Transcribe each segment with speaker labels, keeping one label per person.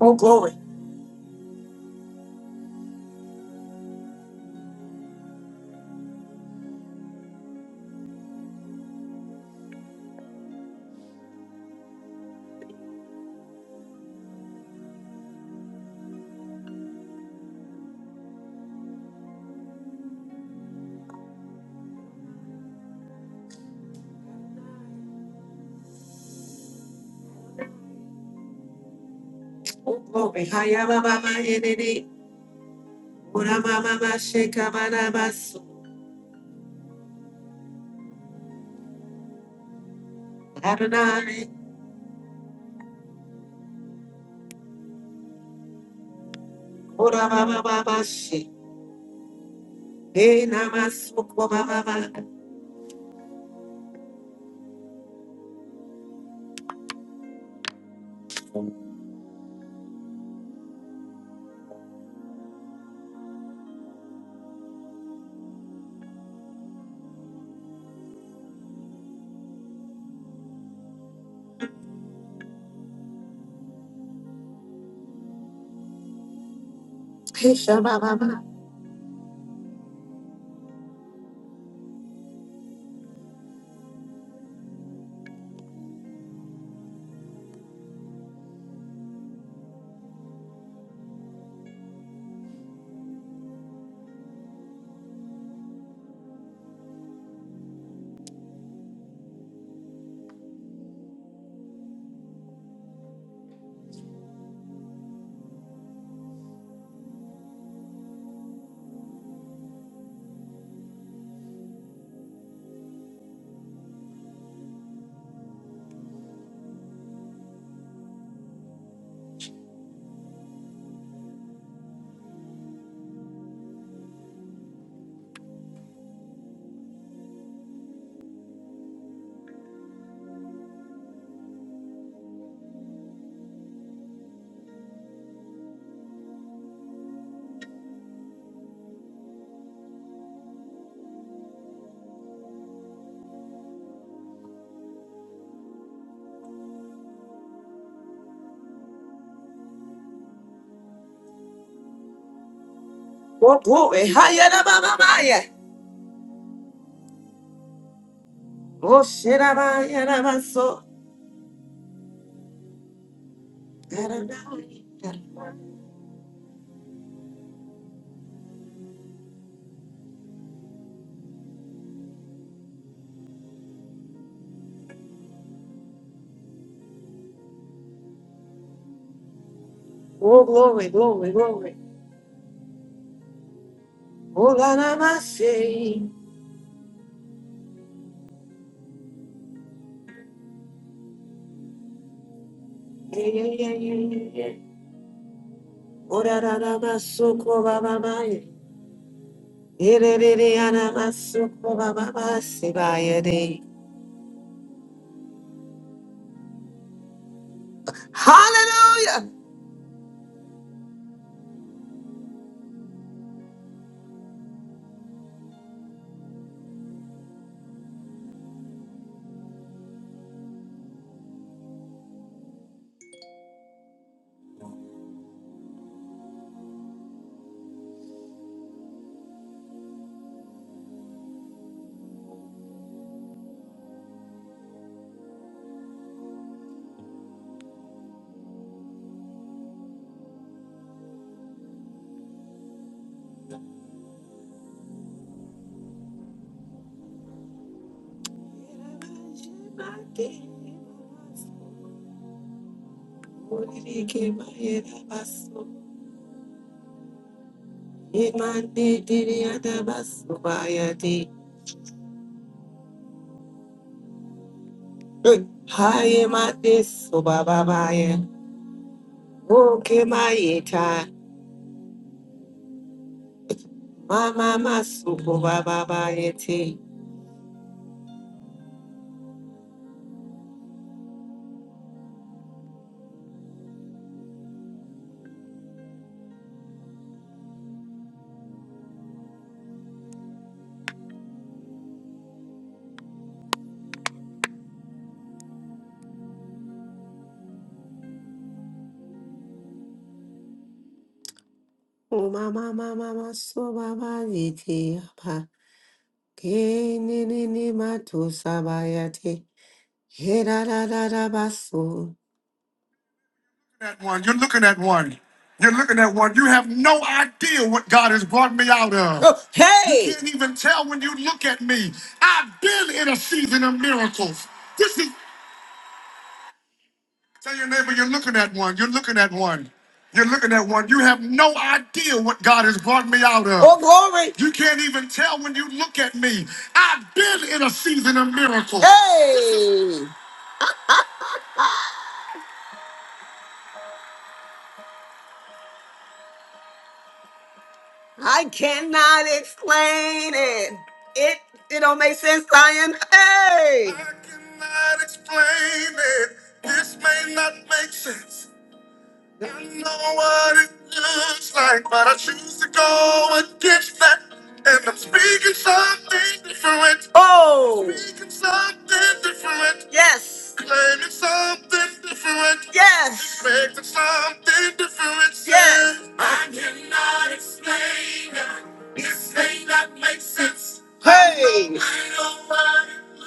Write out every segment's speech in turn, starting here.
Speaker 1: Oh glory. Oh glory. Hiya mama yenene. Ora mama mashe kamana masu. Adonai. Ora mama mama she. Hey namasu kwa mama mama. Hey shama mama. Oh glory. Hiya na mama maya. Oh shira maya namasu. Adonai. Oh glory, glory, glory. Oh la la mashe. Hey yeah yeah yeah yeah. yeah. Ora la la masu kwa mama Hallelujah. Oh mama mama masu baba te. Ke ne ne ne matu sabayate. Hirararabaso. at one. You're looking at one. You're looking at one. You have no idea what God has brought me out of. Oh, hey! You hey! can't even tell when you look at me. I've been in a season of miracles. This is tell your neighbor you're looking at one. You're looking at one. You're looking at one. You have no idea what God has brought me out of. Oh, glory! You can't even tell when you look at me. I've been in a season of miracles. Hey! I cannot explain it. It it don't make sense, Zion. Hey! I cannot explain it. This may not make sense. I know what it looks like, but I choose to go against that. And I'm speaking something different. Oh! Speaking something different. Yes. Claiming something different. Yes. Expecting something different. Yes. I cannot explain it. This may not make sense. Hey!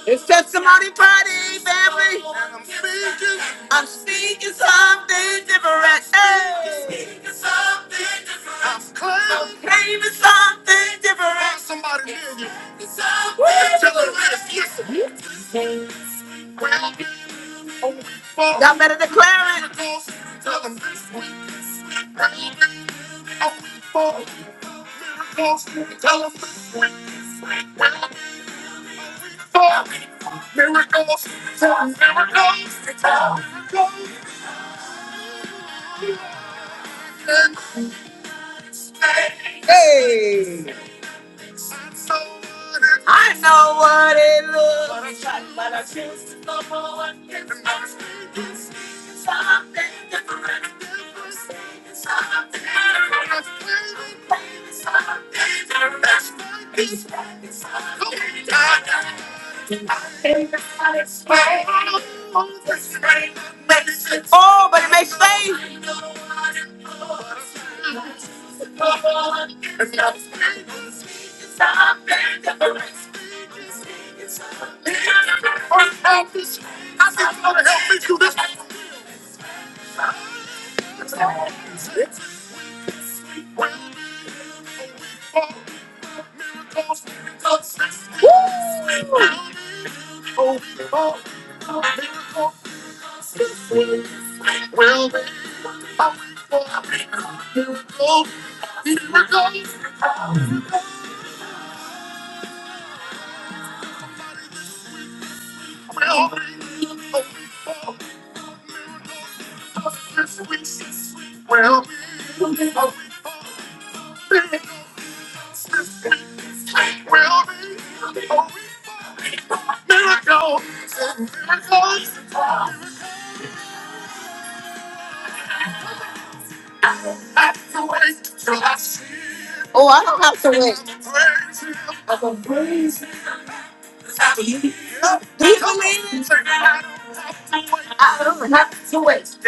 Speaker 1: It's testimony party, family. And I'm speaking. I'm speaking something different. Hey. Speaking something different. I'm claiming, I'm claiming something different. Find Somebody near you. Something Woo! Tell them this. Listen. Well, Y'all better declare it. Miracles. Tell them this week. Hey! I know what it looks like, but I tried, but I choose to go forward. Something different. different, Something different. Baby, Something different. It's something different. Oh, but it makes slaves. Oh, I don't have to wait.